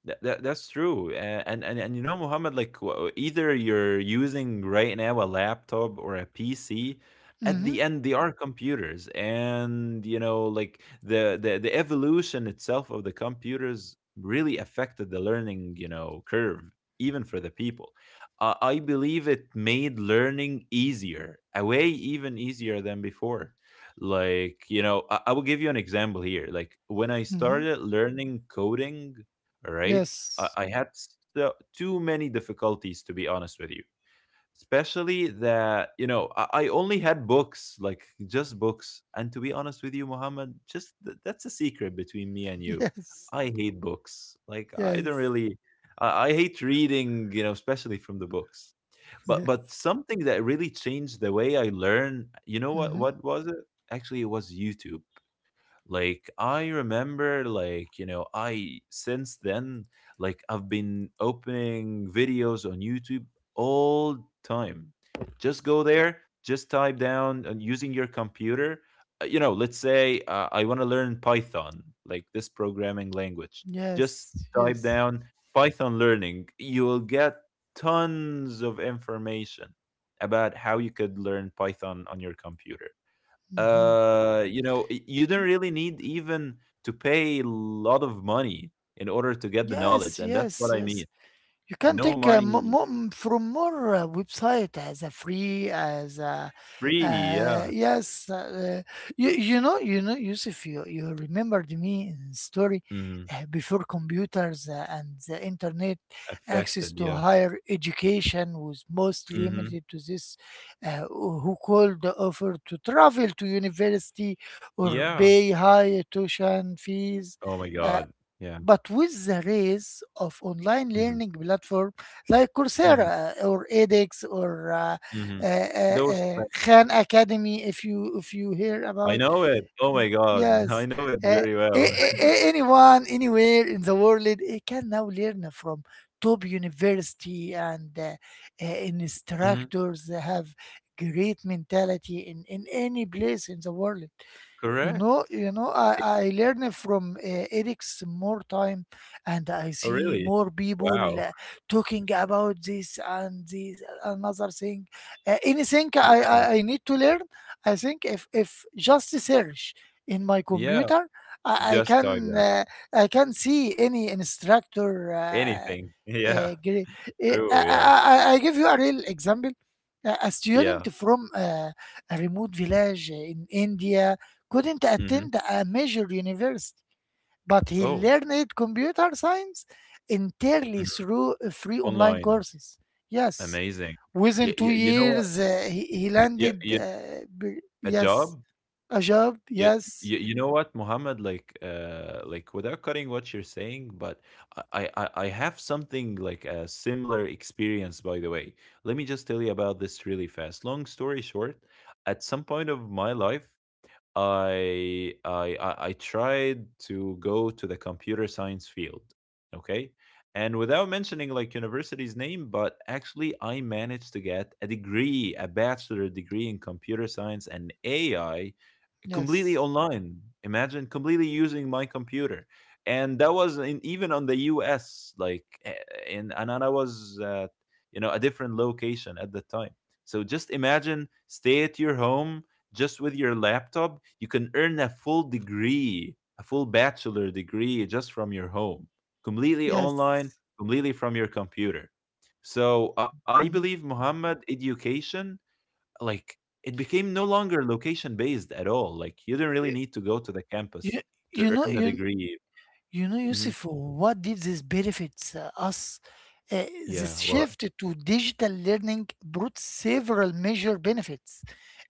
Speaker 1: That, that's true, and you know, Muhammad, like either you're using right now a laptop or a PC. At
Speaker 2: Mm-hmm.
Speaker 1: the end, they are computers, and you know, like the evolution itself of the computers really affected the learning, you know, curve, even for the people. I believe it made learning easier, a way even easier than before. Like you know, I will give you an example here. Like when I
Speaker 2: Mm-hmm.
Speaker 1: started learning coding, right? I,
Speaker 2: Yes,
Speaker 1: I had so, too many difficulties, to be honest with you. Especially that, you know, I only had books, like just books. And to be honest with you, Muhammad, just that's a secret between me and you.
Speaker 2: yes,
Speaker 1: I hate books. Like, I don't
Speaker 2: yes,
Speaker 1: really. I hate reading, you know, especially from the books.
Speaker 2: yes.
Speaker 1: But something that really changed the way I learn, you know
Speaker 2: Mm-hmm.
Speaker 1: what was it? Actually, it was YouTube. Like I remember like, you know, I since then, like I've been opening videos on YouTube all time. Just go there, just type down and using your computer, you know, let's say I want to learn Python, like this programming language. Just
Speaker 2: Yes,
Speaker 1: type
Speaker 2: yes.
Speaker 1: down Python learning. You will get tons of information about how you could learn Python on your computer.
Speaker 2: Mm-hmm.
Speaker 1: You know, you don't really need even to pay a lot of money in order to get the knowledge,
Speaker 2: Yes,
Speaker 1: and that's
Speaker 2: yes,
Speaker 1: what I mean.
Speaker 2: yes. You can
Speaker 1: No
Speaker 2: take
Speaker 1: money,
Speaker 2: from more website as a free, as a,
Speaker 1: free, yeah.
Speaker 2: yes. You know, Yusuf, you remembered me in story
Speaker 1: Hmm.
Speaker 2: before computers and the internet, access
Speaker 1: Affected,
Speaker 2: to
Speaker 1: yeah.
Speaker 2: higher education was mostly
Speaker 1: Hmm.
Speaker 2: limited to this who called the offer to travel to university or
Speaker 1: Yeah.
Speaker 2: pay high tuition fees.
Speaker 1: Oh my
Speaker 2: Uh,
Speaker 1: God. Yeah.
Speaker 2: but with the rise of online
Speaker 1: Hmm,
Speaker 2: learning platform like
Speaker 1: hmm,
Speaker 2: Coursera or edX or
Speaker 1: hmm.
Speaker 2: uh, uh,
Speaker 1: Those,
Speaker 2: Khan Academy, if you hear
Speaker 1: I
Speaker 2: about,
Speaker 1: know it. Oh
Speaker 2: uh,
Speaker 1: my God, I
Speaker 2: yes,
Speaker 1: know it
Speaker 2: uh,
Speaker 1: very well.
Speaker 2: anyone anywhere in the world can now learn from top university and
Speaker 1: Hmm.
Speaker 2: instructors have great mentality in any place in the world. You know,
Speaker 1: Correct.
Speaker 2: you know, I,
Speaker 1: Eh,
Speaker 2: I learn from Eric's more time, and I
Speaker 1: oh,
Speaker 2: see
Speaker 1: really?
Speaker 2: more people
Speaker 1: Wow.
Speaker 2: talking about this and this another thing. Anything I,
Speaker 1: Yeah.
Speaker 2: I, I need to learn, I think if just search in my
Speaker 1: Yeah.
Speaker 2: computer, I, I
Speaker 1: Just type
Speaker 2: can
Speaker 1: down
Speaker 2: uh, I can see any instructor.
Speaker 1: anything. Yeah.
Speaker 2: Uh, gre- eh, I,
Speaker 1: True. Yeah.
Speaker 2: I, I I give you a real example. A
Speaker 1: Yeah.
Speaker 2: student from a remote village in India couldn't
Speaker 1: Hmm.
Speaker 2: attend a major university, but he
Speaker 1: Oh,
Speaker 2: learned computer science entirely
Speaker 1: mhm,
Speaker 2: through free online
Speaker 1: online.
Speaker 2: courses. Yes,
Speaker 1: Amazing.
Speaker 2: within
Speaker 1: Y
Speaker 2: two
Speaker 1: y you know what?
Speaker 2: years, he
Speaker 1: You,
Speaker 2: landed,
Speaker 1: you, A
Speaker 2: yes,
Speaker 1: job?
Speaker 2: a job.
Speaker 1: You
Speaker 2: Yes,
Speaker 1: you know what, Mohammed? Like without cutting what you're saying, but I have something like a similar experience, by the way. Let me just tell you about this really fast. Long story short, at some point of my life, I tried to go to the computer science field, okay? And without mentioning like university's name, but actually I managed to get a degree, a bachelor degree in computer science and AI completely
Speaker 2: yes,
Speaker 1: online. Imagine completely using my computer. And that was in, even on the US like eh, in and I was at, you know, a different location at the time. So just imagine stay at your home, just with your laptop, you can earn a full degree, a full bachelor degree just from your home, completely online,
Speaker 2: yes.
Speaker 1: completely from your computer. So I
Speaker 2: Mhm.
Speaker 1: believe Muhammad education, like it became no longer location based at all. Like you do not really
Speaker 2: Y-
Speaker 1: need to go to the
Speaker 2: You,
Speaker 1: campus to
Speaker 2: you know,
Speaker 1: earn a
Speaker 2: you,
Speaker 1: degree.
Speaker 2: You know,
Speaker 1: Hmm.
Speaker 2: Yusuf, what did this benefits us? This
Speaker 1: Yeah. What?
Speaker 2: shift to digital learning brought several major benefits.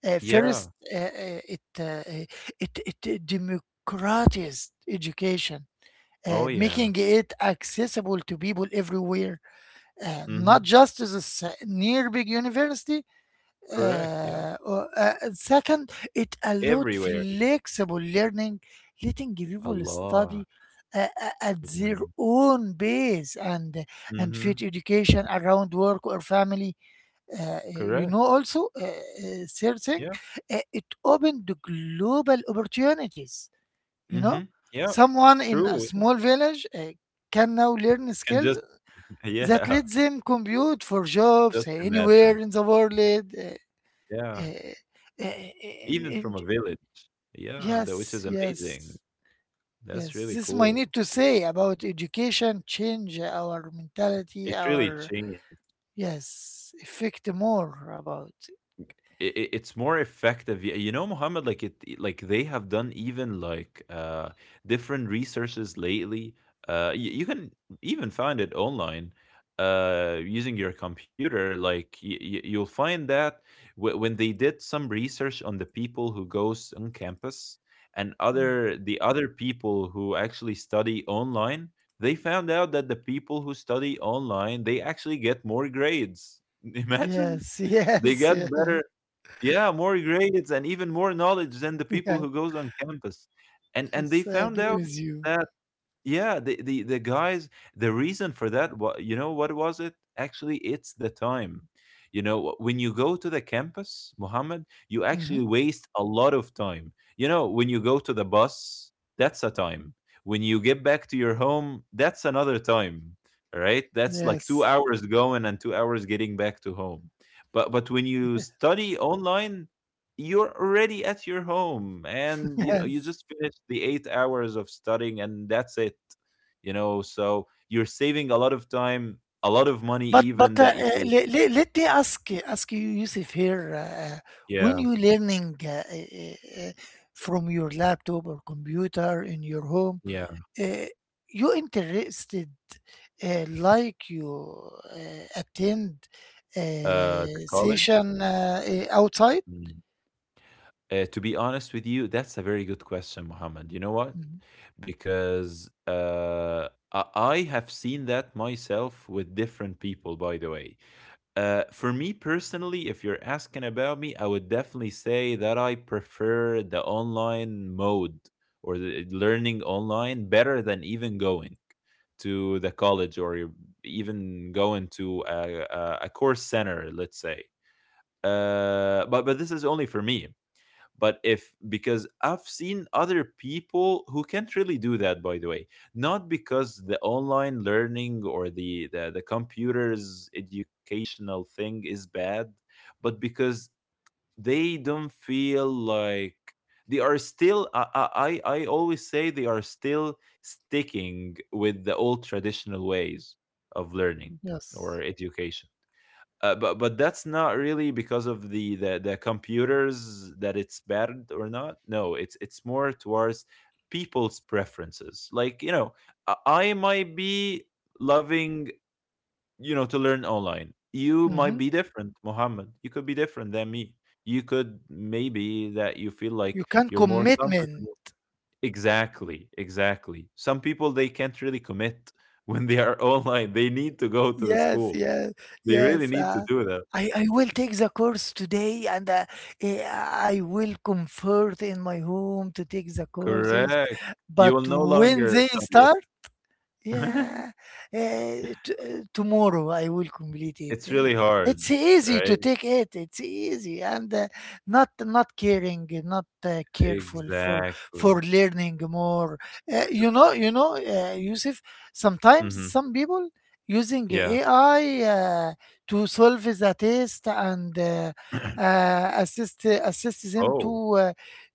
Speaker 1: Yeah.
Speaker 2: First, it, it it democratized education,
Speaker 1: Oh yeah.
Speaker 2: making it accessible to people everywhere,
Speaker 1: Hmm.
Speaker 2: not just to the near big university,
Speaker 1: Correct. Yeah.
Speaker 2: and second, it allowed
Speaker 1: Everywhere.
Speaker 2: flexible learning, letting people study
Speaker 1: Allah.
Speaker 2: at
Speaker 1: Yeah.
Speaker 2: their own pace and fit
Speaker 1: Hmm.
Speaker 2: education around work or family. You
Speaker 1: Correct.
Speaker 2: know, also third thing,
Speaker 1: Yeah.
Speaker 2: it opened the global opportunities. You know,
Speaker 1: Mhm. Yeah,
Speaker 2: someone in a
Speaker 1: true. You
Speaker 2: small village can now learn
Speaker 1: can
Speaker 2: skills
Speaker 1: just
Speaker 2: that
Speaker 1: yeah,
Speaker 2: let them compute for jobs
Speaker 1: just
Speaker 2: anywhere
Speaker 1: imagine.
Speaker 2: in the world. uh,
Speaker 1: Yeah,
Speaker 2: Eh, eh, in-
Speaker 1: even
Speaker 2: in-
Speaker 1: from a village. Yeah, the which
Speaker 2: yes,
Speaker 1: is amazing.
Speaker 2: yes,
Speaker 1: That's
Speaker 2: yes.
Speaker 1: really
Speaker 2: This is my
Speaker 1: cool.
Speaker 2: need to say about education change our mentality,
Speaker 1: It really
Speaker 2: our
Speaker 1: changed.
Speaker 2: yes, affect more about.
Speaker 1: It, it's more effective. You know Muhammad, like it, like they have done even like different researches lately. You can even find it online, using your computer. Like you'll find that when they did some research on the people who goes on campus and
Speaker 2: Mm.
Speaker 1: other the other people who actually study online, they found out that the people who study online, they actually get more grades. Imagine,
Speaker 2: Yes,
Speaker 1: they
Speaker 2: yes,
Speaker 1: get
Speaker 2: yes,
Speaker 1: better, yeah, more grades and even more knowledge than the people
Speaker 2: yes.
Speaker 1: who goes on campus. And they
Speaker 2: Yes. I
Speaker 1: found
Speaker 2: agree
Speaker 1: out
Speaker 2: with you.
Speaker 1: that, yeah, the guys, the reason for that, wa- you know what was it? Actually, it's the time. You know, when you go to the campus, Muhammad, you actually
Speaker 2: Hmm
Speaker 1: waste a lot of time. You know, when you go to the bus, that's a time. When you get back to your home, that's another time. Right? That's like 2
Speaker 2: Yes,
Speaker 1: hours going and 2 hours getting back to home. But when you study online, you're already at your home and you know you
Speaker 2: yes.
Speaker 1: just finished the 8 hours of studying, and that's it. So you're saving a lot of time, a lot of money,
Speaker 2: But
Speaker 1: even that you
Speaker 2: let, let, let me ask ask you, Yusuf, here. When
Speaker 1: yeah
Speaker 2: you learning from your laptop or computer in your home
Speaker 1: yeah
Speaker 2: uh, you interested like you attend
Speaker 1: to
Speaker 2: a
Speaker 1: college.
Speaker 2: session outside.
Speaker 1: Mm. To be honest with you, that's a very good question, Mohammed. You know what,
Speaker 2: Mhm.
Speaker 1: because I have seen that myself with different people, by the way. For me personally, if you're asking about me, I would definitely say that I prefer the online mode or the learning online better than even going to the college, or even going to a course center, let's say. But this is only for me. But if, because I've seen other people who can't really do that, by the way. Not because the online learning or the computers educational thing is bad, but because they don't feel like they are still, I always say, they are still sticking with the old traditional ways of learning or
Speaker 2: Yes.
Speaker 1: education. But that's not really because of the computers, that it's bad or not. No, it's more towards people's preferences. Like, you know, I might be loving, you know, to learn online. You might
Speaker 2: hmm
Speaker 1: be different, Mohammed. You could be different than me. You could, maybe that you feel
Speaker 2: you
Speaker 1: like
Speaker 2: can
Speaker 1: you're more
Speaker 2: commitment.
Speaker 1: comfortable. Exactly, exactly. Some people, they can't really commit when they are online. They need to go to the
Speaker 2: Yes,
Speaker 1: school.
Speaker 2: yes,
Speaker 1: They really
Speaker 2: yes,
Speaker 1: need to do that.
Speaker 2: I will take the course today and I will comfort in my home to take the courses.
Speaker 1: Correct. You
Speaker 2: But
Speaker 1: will no
Speaker 2: when
Speaker 1: longer
Speaker 2: they
Speaker 1: study
Speaker 2: start,
Speaker 1: it.
Speaker 2: yeah, uh, tomorrow I will complete it.
Speaker 1: It's really hard,
Speaker 2: It's easy to
Speaker 1: right?
Speaker 2: take it. It's easy and not not caring, not careful
Speaker 1: Exactly.
Speaker 2: for learning more.
Speaker 1: So,
Speaker 2: Yusuf, sometimes
Speaker 1: hmm.
Speaker 2: some people using
Speaker 1: Yeah.
Speaker 2: AI to solve the test and assist assist them to
Speaker 1: Oh,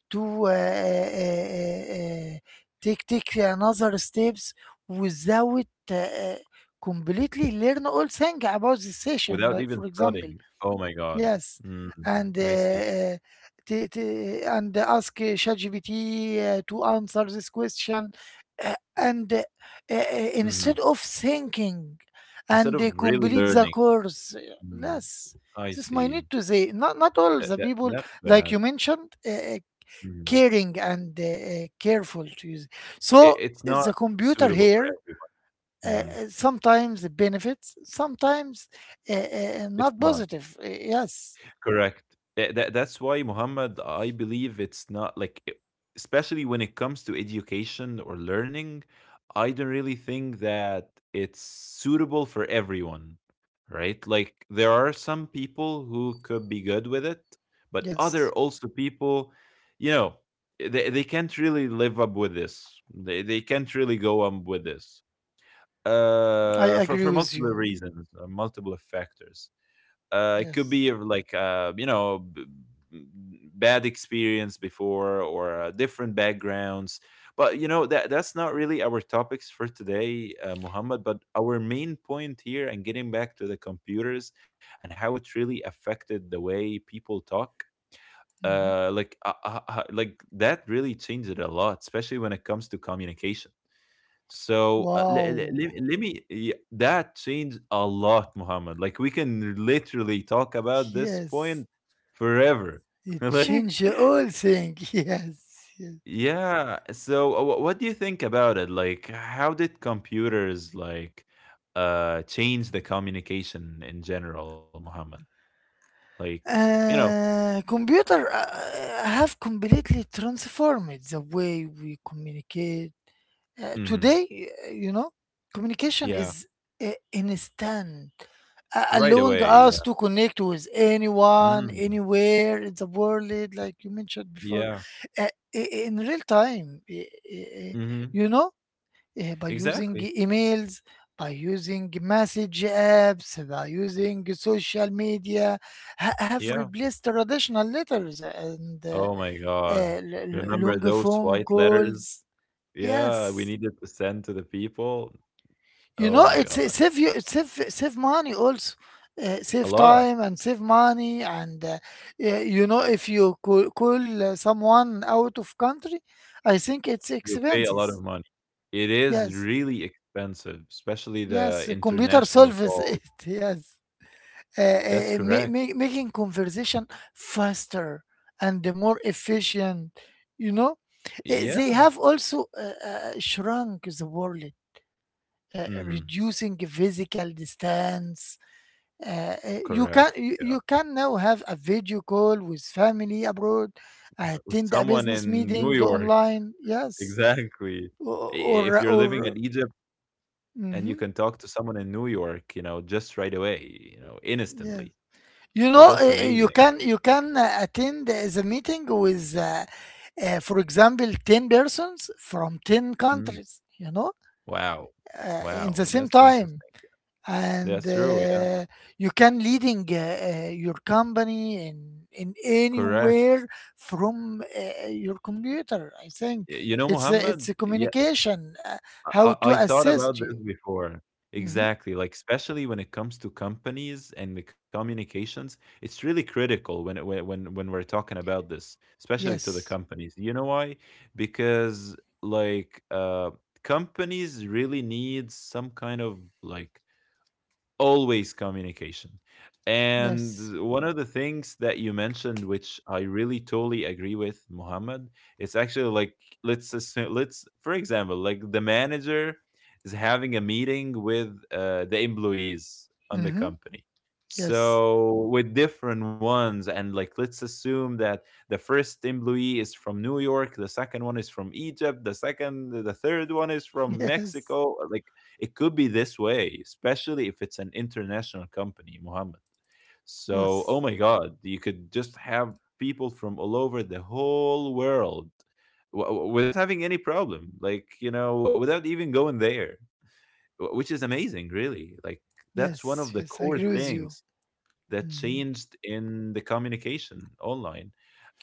Speaker 2: to uh, uh, uh, uh, take take another steps without completely learn all thing about the session,
Speaker 1: without
Speaker 2: like
Speaker 1: even
Speaker 2: for example
Speaker 1: studying. Oh my God.
Speaker 2: yes,
Speaker 1: Mm,
Speaker 2: and
Speaker 1: I see.
Speaker 2: and ask ChatGPT to answer this question and uh,
Speaker 1: Hmm.
Speaker 2: instead of thinking
Speaker 1: Instead
Speaker 2: and
Speaker 1: of really
Speaker 2: complete the
Speaker 1: learning.
Speaker 2: course.
Speaker 1: Mm,
Speaker 2: Yes,
Speaker 1: I
Speaker 2: this is my
Speaker 1: see.
Speaker 2: need to say not not all
Speaker 1: That,
Speaker 2: the
Speaker 1: that
Speaker 2: people
Speaker 1: that's
Speaker 2: like
Speaker 1: bad.
Speaker 2: you mentioned
Speaker 1: Mm.
Speaker 2: caring and careful to use,
Speaker 1: It,
Speaker 2: so
Speaker 1: it's not
Speaker 2: the computer
Speaker 1: suitable for
Speaker 2: here
Speaker 1: everyone.
Speaker 2: uh,
Speaker 1: Hmm.
Speaker 2: sometimes it benefits, sometimes
Speaker 1: It's
Speaker 2: not
Speaker 1: not.
Speaker 2: positive. Yes,
Speaker 1: Correct. That's why, Muhammad, I believe it's not like, e especially when it comes to education or learning, I don't really think that it's suitable for everyone, right? Like, there are some people who could be good with it, but other
Speaker 2: yes,
Speaker 1: also people, you know, they can't really live up with this. They can't really go on with this.
Speaker 2: I
Speaker 1: Uh, for,
Speaker 2: agree
Speaker 1: for
Speaker 2: with
Speaker 1: multiple
Speaker 2: you.
Speaker 1: reasons, multiple factors. It could
Speaker 2: Yes.
Speaker 1: be like you know, b- bad experience before, or different backgrounds. But you know that that's not really our topics for today, Muhammad. But our main point here, and getting back to the computers and how it really affected the way people talk.
Speaker 2: Mhm.
Speaker 1: Like that really changed it a lot, especially when it comes to communication. So let
Speaker 2: Wow.
Speaker 1: me, yeah, that changed a lot, Muhammad. Like, we can literally talk about this
Speaker 2: Yes,
Speaker 1: point forever.
Speaker 2: it
Speaker 1: Like,
Speaker 2: changed the whole thing. Yes. Yes.
Speaker 1: yeah. So what do you think about it? Like, how did computers like change the communication in general, Muhammad? Like, you know.
Speaker 2: Computer have completely transformed the way we communicate.
Speaker 1: Hmm.
Speaker 2: Today, you know, communication
Speaker 1: Yeah.
Speaker 2: is instant,
Speaker 1: Right
Speaker 2: allowing
Speaker 1: away. Yeah.
Speaker 2: us to connect with anyone,
Speaker 1: Mm,
Speaker 2: anywhere in the world, like you mentioned before,
Speaker 1: yeah.
Speaker 2: uh, in real time. I-
Speaker 1: Hmm.
Speaker 2: You know, by using
Speaker 1: Exactly.
Speaker 2: emails, by using message apps, by using social media, have
Speaker 1: Yeah.
Speaker 2: replaced traditional letters and
Speaker 1: Oh my
Speaker 2: uh,
Speaker 1: God.
Speaker 2: l-
Speaker 1: Remember
Speaker 2: long
Speaker 1: those
Speaker 2: phone
Speaker 1: white letters?
Speaker 2: calls.
Speaker 1: Yeah, we
Speaker 2: Yes,
Speaker 1: needed to send to the people.
Speaker 2: you
Speaker 1: Oh
Speaker 2: know,
Speaker 1: my
Speaker 2: it
Speaker 1: God.
Speaker 2: save you, it save money also,
Speaker 1: A
Speaker 2: save
Speaker 1: lot.
Speaker 2: time and save money and you know, if you call someone out of country, I think it's
Speaker 1: You pay a lot of
Speaker 2: expenses.
Speaker 1: money. It is
Speaker 2: Yes,
Speaker 1: really expensive, especially the
Speaker 2: yes, computer
Speaker 1: international
Speaker 2: solves it.
Speaker 1: calls.
Speaker 2: Yes,
Speaker 1: That's correct.
Speaker 2: making conversation faster and more efficient. You know, they
Speaker 1: Yeah.
Speaker 2: have also shrunk the world, uh,
Speaker 1: Hmm.
Speaker 2: reducing physical distance.
Speaker 1: Correct. Yeah.
Speaker 2: You can now have a video call with family abroad,
Speaker 1: With
Speaker 2: attend a
Speaker 1: someone
Speaker 2: business
Speaker 1: in New
Speaker 2: meeting
Speaker 1: York.
Speaker 2: online. Yes,
Speaker 1: Exactly. I- If you're
Speaker 2: Or
Speaker 1: living in Egypt and you
Speaker 2: mm
Speaker 1: can talk to someone in New York, you know, just right away, you know,
Speaker 2: yes.
Speaker 1: instantly.
Speaker 2: You
Speaker 1: So
Speaker 2: know,
Speaker 1: that's amazing.
Speaker 2: you can attend the meeting with, for example, ten persons from ten countries. You know,
Speaker 1: Wow.
Speaker 2: in
Speaker 1: Wow,
Speaker 2: the same
Speaker 1: that's
Speaker 2: time.
Speaker 1: interesting. That's
Speaker 2: And
Speaker 1: true, yeah.
Speaker 2: you can leading your company in
Speaker 1: Correct.
Speaker 2: anywhere from your computer. I think
Speaker 1: Y you know,
Speaker 2: it's
Speaker 1: Muhammad,
Speaker 2: a
Speaker 1: yeah,
Speaker 2: communication
Speaker 1: I
Speaker 2: how
Speaker 1: I
Speaker 2: to
Speaker 1: I thought about
Speaker 2: assist
Speaker 1: this
Speaker 2: you.
Speaker 1: before.
Speaker 2: Hmm
Speaker 1: Exactly, like, especially when it comes to companies and the communications, it's really critical when it, when we're talking about this, especially to the
Speaker 2: Yes,
Speaker 1: companies. You know why? Because, like, companies really need some kind of, like, always communication.
Speaker 2: yes,
Speaker 1: And one of the things that you mentioned, which I really totally agree with, Muhammad, it's actually like, let's assume, let's for example, like the manager is having a meeting with the employees on the
Speaker 2: hmm
Speaker 1: company.
Speaker 2: yes,
Speaker 1: So with different ones, and like let's assume that the first employee is from New York, the second one is from Egypt, the third one is from
Speaker 2: yes,
Speaker 1: Mexico. Like, it could be this way, especially if it's an international company, Mohammed. So,
Speaker 2: yes,
Speaker 1: oh my God, you could just have people from all over the whole world without having any problem, like, you know, without even going there, which is amazing, really. Like, that's one
Speaker 2: yes,
Speaker 1: of the
Speaker 2: yes. I
Speaker 1: core
Speaker 2: agree with you.
Speaker 1: things that
Speaker 2: Hmm
Speaker 1: changed in the communication online.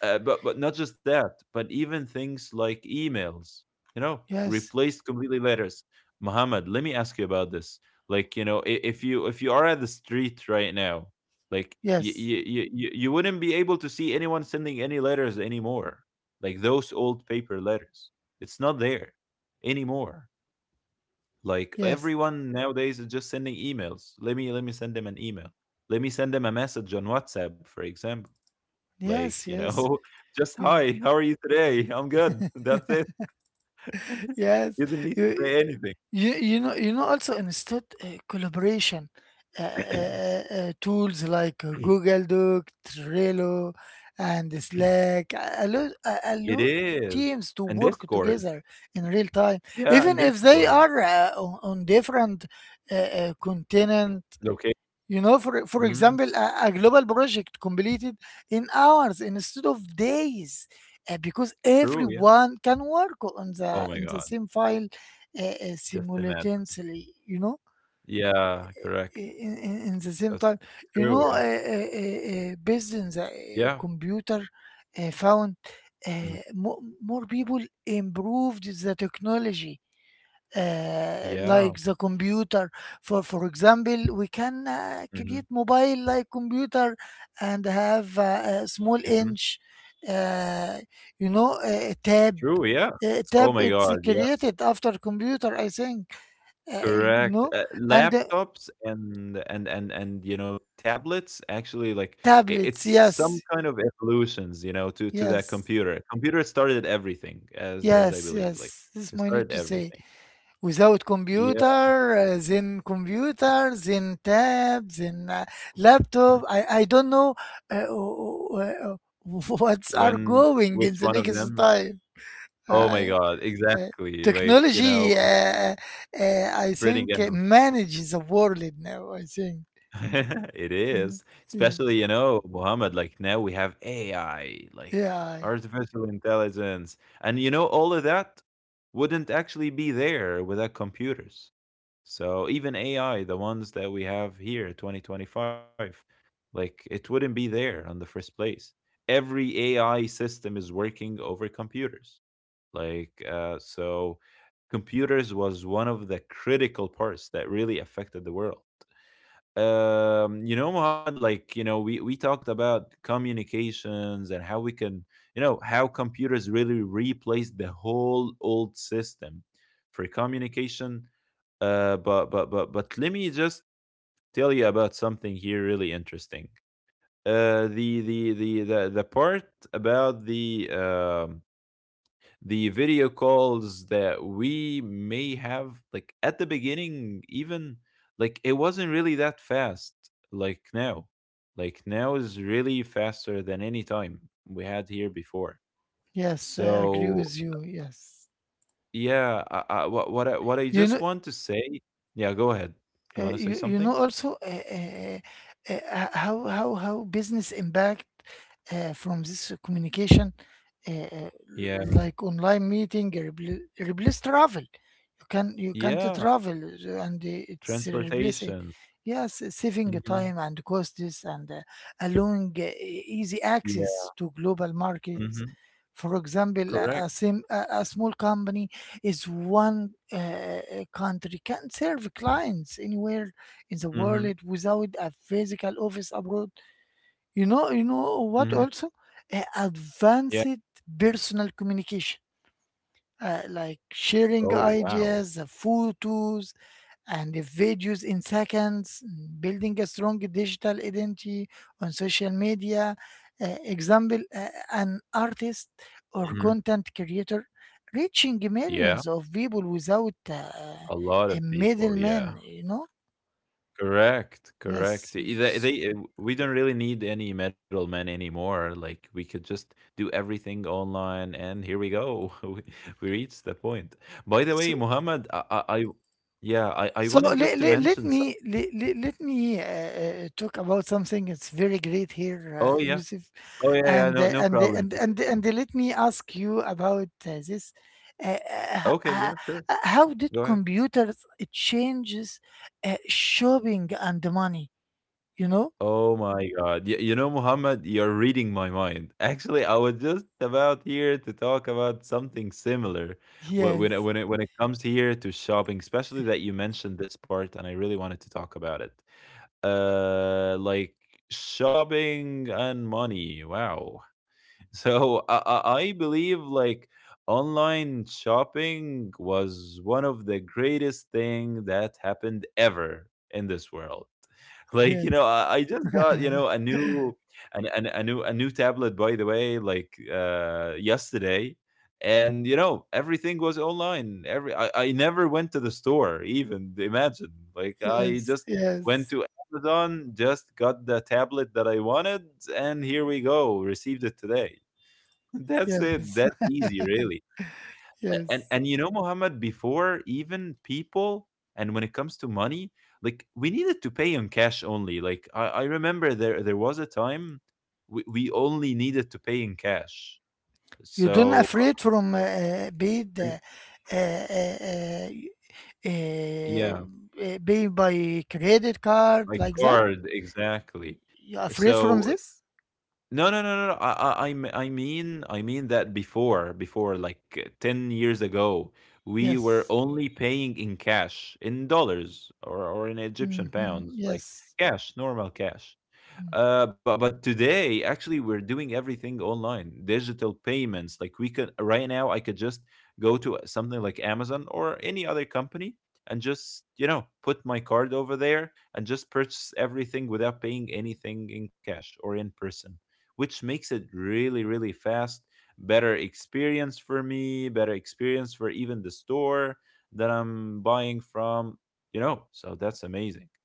Speaker 1: But not just that, but even things like emails, you know,
Speaker 2: Yes,
Speaker 1: replaced completely letters. Muhammad, let me ask you about this. Like, you know, if you, are at the street right now, like you
Speaker 2: yes,
Speaker 1: you you, you wouldn't be able to see anyone sending any letters anymore. Like those old paper letters. It's not there anymore. Like,
Speaker 2: yes,
Speaker 1: everyone nowadays is just sending emails. Let me send them an email. Let me send them a message on WhatsApp, for example. Like,
Speaker 2: yes,
Speaker 1: you
Speaker 2: yes.
Speaker 1: know, just
Speaker 2: You,
Speaker 1: hi, how are you today? I'm good. That's it. You
Speaker 2: yes,
Speaker 1: didn't need to
Speaker 2: you,
Speaker 1: say anything.
Speaker 2: You, you know, also instead collaboration tools like Google Doc, Trello, and Slack
Speaker 1: It
Speaker 2: allow
Speaker 1: is. And
Speaker 2: teams to work
Speaker 1: Discord.
Speaker 2: together in real time,
Speaker 1: Yeah, and
Speaker 2: even if
Speaker 1: Discord.
Speaker 2: they are on different continent.
Speaker 1: Okay.
Speaker 2: You know, for
Speaker 1: Hmm.
Speaker 2: example, a global project completed in hours instead of days, because
Speaker 1: True, yeah.
Speaker 2: everyone can work
Speaker 1: Oh my
Speaker 2: on
Speaker 1: god.
Speaker 2: the same file
Speaker 1: Just imagine.
Speaker 2: simultaneously. You know,
Speaker 1: Yeah, correct.
Speaker 2: in the same
Speaker 1: That's
Speaker 2: time.
Speaker 1: true, yeah.
Speaker 2: You know, based on the
Speaker 1: Yeah.
Speaker 2: computer, found
Speaker 1: Mhm.
Speaker 2: uh, more, more people improved the technology
Speaker 1: Yeah.
Speaker 2: like the computer. For example, we can
Speaker 1: Hmm.
Speaker 2: create mobile like computer and have a small
Speaker 1: Hmm.
Speaker 2: inch, uh, you know, a tab.
Speaker 1: True, yeah. Oh
Speaker 2: Tab
Speaker 1: my
Speaker 2: it's
Speaker 1: god, yeah.
Speaker 2: created after computer, I think. Uh, you
Speaker 1: Correct.
Speaker 2: know, and
Speaker 1: Laptops and and you know tablets actually, like
Speaker 2: tablets.
Speaker 1: it's some
Speaker 2: Yes,
Speaker 1: kind of evolutions, you know, to that
Speaker 2: yes,
Speaker 1: computer. Computer started everything, as I
Speaker 2: yes,
Speaker 1: believe, like
Speaker 2: yes, This is
Speaker 1: it
Speaker 2: my need
Speaker 1: started
Speaker 2: to say.
Speaker 1: everything.
Speaker 2: Without
Speaker 1: Yeah.
Speaker 2: computer, then computer, then tab, then laptop. I don't know uh, uh, what's are
Speaker 1: When,
Speaker 2: going in
Speaker 1: which
Speaker 2: the
Speaker 1: one of
Speaker 2: next
Speaker 1: them?
Speaker 2: time.
Speaker 1: Oh my
Speaker 2: Uh,
Speaker 1: God!
Speaker 2: uh,
Speaker 1: Exactly. Like, you
Speaker 2: Technology,
Speaker 1: know, I'm
Speaker 2: uh, I
Speaker 1: printing
Speaker 2: think,
Speaker 1: out.
Speaker 2: manages the world now. I think.
Speaker 1: It
Speaker 2: Mm,
Speaker 1: is,
Speaker 2: yeah.
Speaker 1: especially, you know, Muhammad, like now we have AI, like
Speaker 2: Yeah.
Speaker 1: artificial intelligence, and you know, all of that wouldn't actually be there without computers. So even AI, the ones that we have here, 2025, like it wouldn't be there on the first place. Every AI system is working over computers. Like, so computers was one of the critical parts that really affected the world. You know, Muhammad, like, you know, we talked about communications and how we can, you know, how computers really replace the whole old system for communication. But let me just tell you about something here really interesting. Uh, the part about the video calls that we may have, like at the beginning, even like it wasn't really that fast, like now. Like now is really faster than any time we had here before.
Speaker 2: Yes, I agree
Speaker 1: So
Speaker 2: with you. Yes.
Speaker 1: yeah, what what I
Speaker 2: You
Speaker 1: just
Speaker 2: know,
Speaker 1: want to say, yeah, go ahead. You
Speaker 2: Uh,
Speaker 1: want to
Speaker 2: you
Speaker 1: say
Speaker 2: you know
Speaker 1: something.
Speaker 2: also how business impact from this communication uh, uh,
Speaker 1: Yeah.
Speaker 2: like online meeting replace travel. You can you can't
Speaker 1: Yeah,
Speaker 2: travel and it's replace it,
Speaker 1: transportation.
Speaker 2: yes, saving
Speaker 1: Hmm.
Speaker 2: time and costs and allowing easy
Speaker 1: Yeah.
Speaker 2: access to global
Speaker 1: Hmm.
Speaker 2: markets. For example,
Speaker 1: Correct.
Speaker 2: a small company is one country, can serve clients anywhere in the
Speaker 1: Hmm.
Speaker 2: world without a physical office abroad. You know what
Speaker 1: Hmm.
Speaker 2: also?
Speaker 1: Yeah.
Speaker 2: Advanced personal communication, like sharing
Speaker 1: Oh wow.
Speaker 2: ideas, photos, and if videos in seconds, building a strong digital identity on social media. Example, an artist or
Speaker 1: Hmm.
Speaker 2: content creator reaching
Speaker 1: Yeah.
Speaker 2: millions of people without
Speaker 1: A lot
Speaker 2: a
Speaker 1: of people,
Speaker 2: middleman,
Speaker 1: yeah.
Speaker 2: you know?
Speaker 1: Correct, correct.
Speaker 2: Yes.
Speaker 1: E They we don't really need any middlemen anymore, like, we could just do everything online, and here we go. We reached the point. By the way,
Speaker 2: So,
Speaker 1: Muhammad, I yeah, I
Speaker 2: so
Speaker 1: wanted just
Speaker 2: let,
Speaker 1: to
Speaker 2: let, let
Speaker 1: mention some.
Speaker 2: me let, let, let me talk about something that's very great here,
Speaker 1: Oh, yeah.
Speaker 2: Yusuf.
Speaker 1: Oh, yeah, yeah. No no problem.
Speaker 2: And Let me ask you about this. Uh, uh,
Speaker 1: Okay,
Speaker 2: h-
Speaker 1: yeah, sure.
Speaker 2: how did
Speaker 1: Go ahead.
Speaker 2: computers changes shopping and the money? You know?
Speaker 1: Oh my God. You know, Muhammad, you're reading my mind. Actually, I was just about here to talk about something similar
Speaker 2: Yes,
Speaker 1: when it comes here to shopping, especially that you mentioned this part, and I really wanted to talk about it. Like, shopping and money. Wow. So I believe like online shopping was one of the greatest thing that happened ever in this world. Like you
Speaker 2: yes,
Speaker 1: know, I just got, you know, a new a new tablet, by the way, like yesterday, and you know everything was online. Every I never went to the store even. Imagine, like I
Speaker 2: yes,
Speaker 1: just went
Speaker 2: yes,
Speaker 1: to Amazon, just got the tablet that I wanted, and here we go, received it today. That's it.
Speaker 2: yes,
Speaker 1: That's easy, really.
Speaker 2: yes.
Speaker 1: And you know, Mohammed, before even people, and when it comes to money, like we needed to pay in cash only. Like I remember there there was a time we only needed to pay in cash.
Speaker 2: You don't
Speaker 1: So
Speaker 2: afraid from paid
Speaker 1: and-
Speaker 2: uh, uh,
Speaker 1: yeah,
Speaker 2: pay by credit card
Speaker 1: like
Speaker 2: like that?
Speaker 1: card, exactly.
Speaker 2: You afraid from
Speaker 1: So
Speaker 2: this?
Speaker 1: no, no, no, no, no. I mean that before, before like 10 years ago, we were
Speaker 2: Yes.
Speaker 1: only paying in cash, in dollars or in Egyptian
Speaker 2: Mhm.
Speaker 1: pounds, like
Speaker 2: Yes.
Speaker 1: cash, normal cash.
Speaker 2: Mm.
Speaker 1: But today, actually, we're doing everything online, digital payments. Like we could right now, I could just go to something like Amazon or any other company and just put my card over there and just purchase everything without paying anything in cash or in person, which makes it really, really fast. Better experience for me, better experience for even the store that I'm buying from. So that's amazing.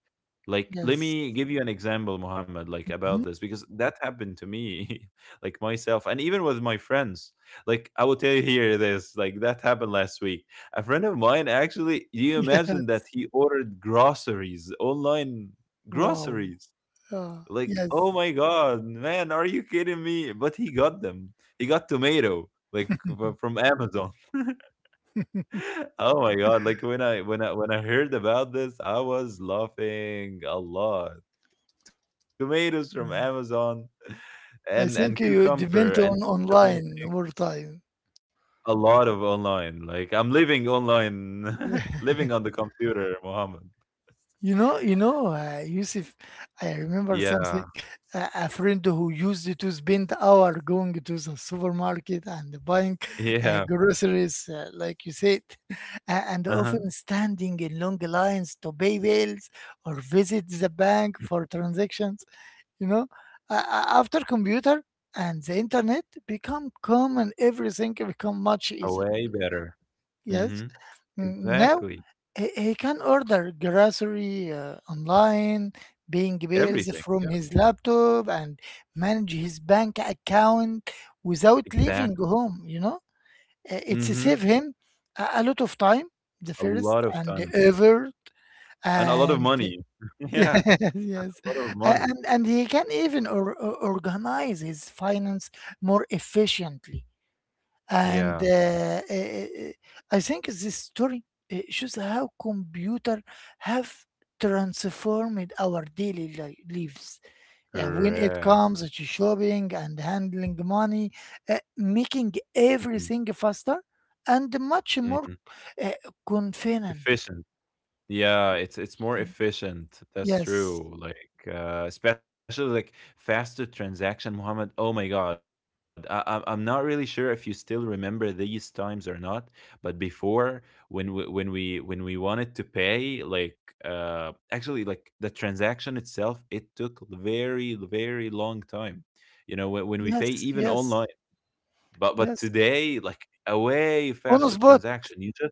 Speaker 1: Like, let
Speaker 2: Yes.
Speaker 1: me give you an example, Muhammad, like
Speaker 2: Mhm.
Speaker 1: about this, because that happened to me, like myself, and even with my friends. Like, I will tell you here this, like, that happened last week. A friend of mine actually, do you imagine that
Speaker 2: Yes.
Speaker 1: he ordered groceries, online
Speaker 2: Wow.
Speaker 1: groceries? Like, oh
Speaker 2: Yes.
Speaker 1: my god, man, are you kidding me? But he got them. He got tomato, like from Amazon. Oh my god, like when I heard about this, I was laughing a lot. Tomatoes from Amazon
Speaker 2: I
Speaker 1: and
Speaker 2: think
Speaker 1: and
Speaker 2: you
Speaker 1: cucumber
Speaker 2: depend
Speaker 1: and
Speaker 2: on
Speaker 1: so many
Speaker 2: online
Speaker 1: things.
Speaker 2: more time.
Speaker 1: A lot of online. Like I'm living online, living on the computer, Mohammed.
Speaker 2: You know, Yusuf, I remember something.
Speaker 1: Yeah,
Speaker 2: A friend who used to spend hour going to the supermarket and buying
Speaker 1: yeah.
Speaker 2: groceries, like you said, and
Speaker 1: Uh-huh.
Speaker 2: often standing in long lines to pay bills or visit the bank for transactions. You know, after computer and the internet become common, everything become much easier.
Speaker 1: Way better.
Speaker 2: Yes,
Speaker 1: Mm-hmm.
Speaker 2: mm, now
Speaker 1: Exactly.
Speaker 2: he can order grocery online, paying bills
Speaker 1: Everything,
Speaker 2: from
Speaker 1: yeah.
Speaker 2: his laptop, and manage his bank account without leaving
Speaker 1: Exactly.
Speaker 2: home. You know, it's save
Speaker 1: Mhm.
Speaker 2: him a lot of time, the
Speaker 1: A
Speaker 2: first
Speaker 1: lot of
Speaker 2: and the
Speaker 1: time
Speaker 2: effort,
Speaker 1: and a lot of
Speaker 2: and
Speaker 1: money.
Speaker 2: yes,
Speaker 1: Yeah, a
Speaker 2: yes.
Speaker 1: lot of
Speaker 2: A-
Speaker 1: money.
Speaker 2: And and he can even organize his finance more efficiently. And
Speaker 1: Yeah,
Speaker 2: I think this story shows how computer have transformed our daily lives. When it
Speaker 1: correct.
Speaker 2: comes to shopping and handling money, making
Speaker 1: Mhm,
Speaker 2: everything faster and much more
Speaker 1: mhm.
Speaker 2: uh, convenient.
Speaker 1: Efficient. Yeah, it's more efficient. That's
Speaker 2: Yes,
Speaker 1: true. Like especially like faster transaction, Muhammad. Oh my God, I'm not really sure if you still remember these times or not. But before, when we wanted to pay, like actually like the transaction itself, it took very very long time. You know when we pay
Speaker 2: yes,
Speaker 1: even
Speaker 2: yes,
Speaker 1: online. But
Speaker 2: yes.
Speaker 1: today, like a way
Speaker 2: On the
Speaker 1: faster
Speaker 2: spot,
Speaker 1: transaction. You just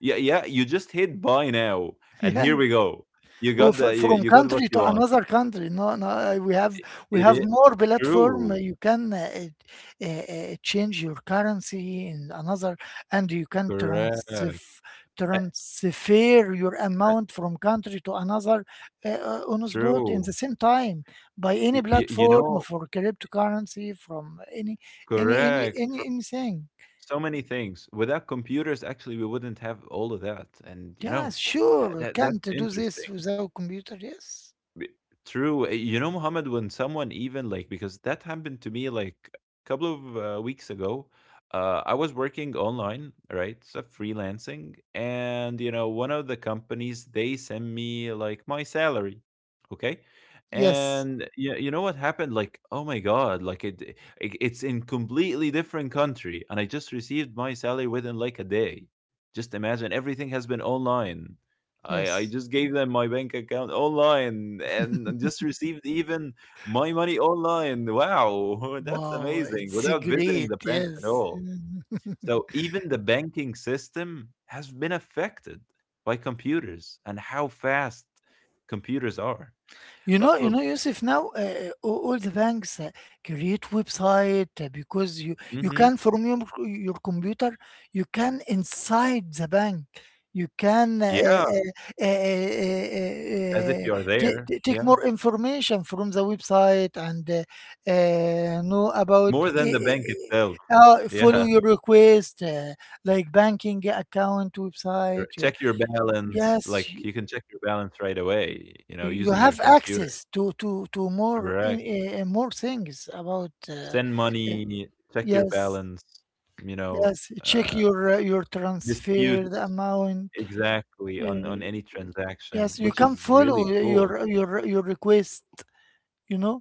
Speaker 1: yeah, yeah, you just hit buy now, and here we
Speaker 2: yes.
Speaker 1: go. You
Speaker 2: Well,
Speaker 1: got the you,
Speaker 2: from
Speaker 1: you got
Speaker 2: country
Speaker 1: what
Speaker 2: to
Speaker 1: you want.
Speaker 2: another country. No, no,
Speaker 1: It,
Speaker 2: we
Speaker 1: it
Speaker 2: have
Speaker 1: is
Speaker 2: more platform.
Speaker 1: true,
Speaker 2: You can change your currency in another, and you can
Speaker 1: correct.
Speaker 2: transfer your
Speaker 1: Uh,
Speaker 2: amount from country to another on the spot in the
Speaker 1: True.
Speaker 2: same time by any
Speaker 1: You, you
Speaker 2: platform
Speaker 1: know,
Speaker 2: for cryptocurrency from any
Speaker 1: correct.
Speaker 2: any anything.
Speaker 1: So many things. Without computers, actually, we wouldn't have all of that. And
Speaker 2: Yes,
Speaker 1: that,
Speaker 2: sure.
Speaker 1: that's
Speaker 2: Can't do this
Speaker 1: interesting.
Speaker 2: without computer. Yes.
Speaker 1: B- True. You know, Muhammad, when someone even like, because that happened to me like a couple of weeks ago. I was working online, right? So freelancing. And, you know, one of the companies, they send me like my salary. Okay.
Speaker 2: Yes.
Speaker 1: And you know what happened? Like, oh my God, like it, it's in completely different country. And I just received my salary within like a day. Just imagine everything has been online. I
Speaker 2: Yes.
Speaker 1: just gave them my bank account online and just received even my money online. Wow, that's
Speaker 2: Wow,
Speaker 1: amazing
Speaker 2: it's
Speaker 1: without visiting
Speaker 2: great.
Speaker 1: the branch at
Speaker 2: Yes.
Speaker 1: all. So, even the banking system has been affected by computers and how fast computers are.
Speaker 2: You know, you
Speaker 1: But
Speaker 2: know, Yusuf, now all the banks create website because you
Speaker 1: mhm.
Speaker 2: can from your computer, you can inside the bank, you can
Speaker 1: Yeah,
Speaker 2: uh, uh,
Speaker 1: as if
Speaker 2: uh,
Speaker 1: you're there.
Speaker 2: take
Speaker 1: Yeah,
Speaker 2: more information from the website and know about
Speaker 1: more than the bank itself. Yeah.
Speaker 2: follow your request like banking account
Speaker 1: Or
Speaker 2: website.
Speaker 1: check your balance.
Speaker 2: Yes,
Speaker 1: Like
Speaker 2: y-
Speaker 1: you can check your balance right away, you know,
Speaker 2: you
Speaker 1: using your
Speaker 2: have
Speaker 1: computer.
Speaker 2: access to more in
Speaker 1: Correct.
Speaker 2: more things about
Speaker 1: Send
Speaker 2: uh,
Speaker 1: money, check your
Speaker 2: yes
Speaker 1: balance, you know,
Speaker 2: yes check
Speaker 1: uh,
Speaker 2: your
Speaker 1: dispute
Speaker 2: transferred amount
Speaker 1: exactly
Speaker 2: uh,
Speaker 1: on any
Speaker 2: yes
Speaker 1: transaction,
Speaker 2: you
Speaker 1: which
Speaker 2: can
Speaker 1: is
Speaker 2: follow
Speaker 1: really cool.
Speaker 2: your request, you know.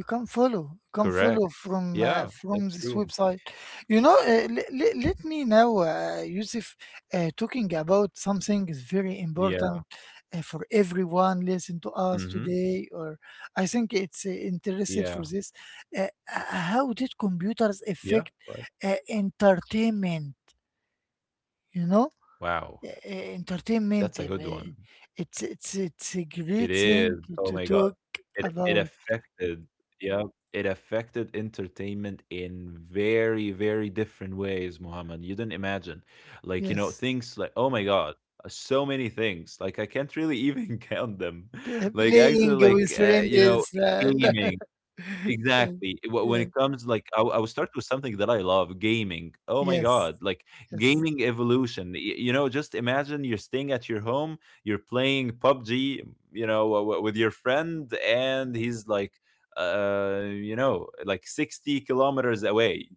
Speaker 1: Correct.
Speaker 2: You can follow
Speaker 1: Yeah, that's true.
Speaker 2: from this website. Let me now, Yusuf, talking about something is very
Speaker 1: Yeah.
Speaker 2: important for everyone listen to
Speaker 1: Mhm.
Speaker 2: us today, or I think it's
Speaker 1: Yeah.
Speaker 2: interested for this. Uh, h- how did computers
Speaker 1: Yeah. Right.
Speaker 2: affect entertainment? You know,
Speaker 1: Wow.
Speaker 2: Uh,
Speaker 1: That's a
Speaker 2: Entertainment.
Speaker 1: good one.
Speaker 2: It's a
Speaker 1: It
Speaker 2: great
Speaker 1: is.
Speaker 2: thing
Speaker 1: Oh
Speaker 2: to
Speaker 1: my god.
Speaker 2: talk
Speaker 1: It
Speaker 2: about.
Speaker 1: affected yeah, it affected entertainment in very, very different ways, Muhammad. You didn't imagine. Like, you know,
Speaker 2: Yes.
Speaker 1: things like oh my god, so many things. Like I can't really even count them. Like actually
Speaker 2: Playing with
Speaker 1: like
Speaker 2: friend
Speaker 1: you know,
Speaker 2: is
Speaker 1: gaming.
Speaker 2: yeah,
Speaker 1: Exactly. When
Speaker 2: yeah,
Speaker 1: it comes, like, I will start with something that I love, gaming. Oh my
Speaker 2: yes,
Speaker 1: God, like
Speaker 2: yes,
Speaker 1: gaming evolution. You know, just imagine you're staying at your home, you're playing PUBG, you know, with your friend, and he's like, you know, like 60 kilometers away,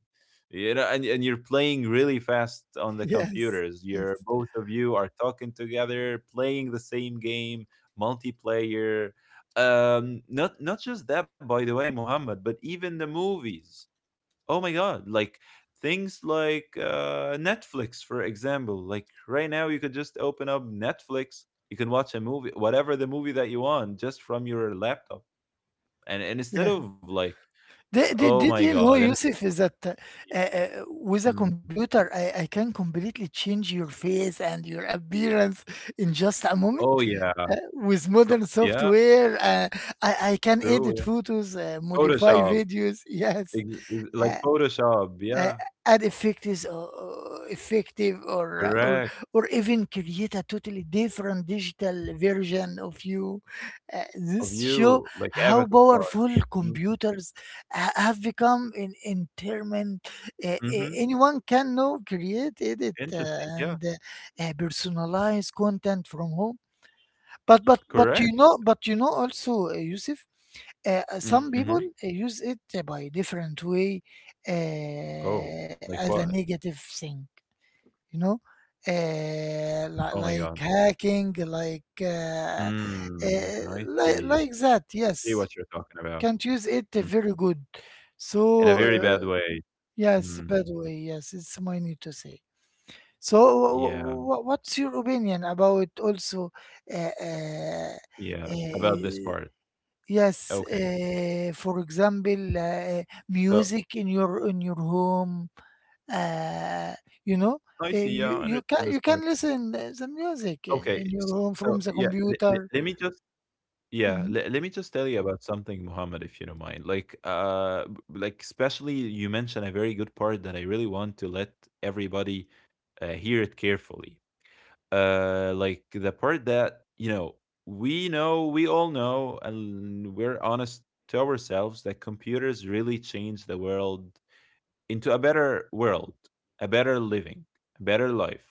Speaker 1: you know, and you're playing really fast on the
Speaker 2: yes,
Speaker 1: computers. You're
Speaker 2: yes,
Speaker 1: both of you are talking together playing the same game, multiplayer. Not not just that by the way, Muhammad, but even the movies. Oh my god, like things like Netflix, for example. Like right now you could just open up Netflix, you can watch a movie, whatever the movie that you want, just from your laptop. And instead
Speaker 2: yeah.
Speaker 1: of like
Speaker 2: did,
Speaker 1: oh
Speaker 2: did,
Speaker 1: my
Speaker 2: did you
Speaker 1: god.
Speaker 2: know,
Speaker 1: And
Speaker 2: yusuf, is that with a
Speaker 1: Mm.
Speaker 2: computer, I can completely change your face and your appearance in just a moment
Speaker 1: Oh yeah.
Speaker 2: with modern
Speaker 1: Yeah.
Speaker 2: software. I can
Speaker 1: True,
Speaker 2: edit
Speaker 1: yeah.
Speaker 2: photos, modify
Speaker 1: Photoshop.
Speaker 2: videos. Yes.
Speaker 1: Ex ex Like
Speaker 2: Uh,
Speaker 1: Photoshop,
Speaker 2: uh,
Speaker 1: yeah,
Speaker 2: Add effective or effective or
Speaker 1: correct.
Speaker 2: or even create a totally different digital version of you.
Speaker 1: Of
Speaker 2: This show
Speaker 1: you, like
Speaker 2: how
Speaker 1: avatar.
Speaker 2: powerful
Speaker 1: Mm,
Speaker 2: computers have become in entertainment.
Speaker 1: mhm.
Speaker 2: Anyone can now create, edit,
Speaker 1: Interesting, yeah,
Speaker 2: and personalize content from home. but but but you
Speaker 1: correct.
Speaker 2: know but you know also, yusuf, some
Speaker 1: Mhm.
Speaker 2: people use it by different way,
Speaker 1: Oh, like
Speaker 2: as a
Speaker 1: what?
Speaker 2: negative thing, you know,
Speaker 1: Oh my
Speaker 2: like
Speaker 1: god.
Speaker 2: hacking, like uh,
Speaker 1: Mm, I
Speaker 2: like
Speaker 1: see.
Speaker 2: that. Yes,
Speaker 1: See what you're talking about.
Speaker 2: can't use it
Speaker 1: Mm,
Speaker 2: very good.
Speaker 1: in a
Speaker 2: So
Speaker 1: very bad way.
Speaker 2: yes,
Speaker 1: Mm,
Speaker 2: bad way. Yes, it's my need to say. So
Speaker 1: yeah,
Speaker 2: what's your opinion about also? uh, uh,
Speaker 1: yeah, about this
Speaker 2: uh,
Speaker 1: part.
Speaker 2: Yes,
Speaker 1: Okay.
Speaker 2: for example,
Speaker 1: So,
Speaker 2: music in your, in your home. Uh, you know,
Speaker 1: I see, yeah, I
Speaker 2: you
Speaker 1: understand
Speaker 2: can
Speaker 1: this
Speaker 2: you
Speaker 1: part.
Speaker 2: can listen the music
Speaker 1: Okay,
Speaker 2: in
Speaker 1: s
Speaker 2: your home
Speaker 1: so
Speaker 2: from the
Speaker 1: yeah, le
Speaker 2: computer.
Speaker 1: let me just. Yeah,
Speaker 2: Mhm.
Speaker 1: let me just tell you about something, Muhammad, if you don't mind. Like, like especially you mentioned a very good part that I really want to let everybody hear it carefully. Like the part that you know, we all know, and we're honest to ourselves that computers really change the world into a better world, a better living, a better life.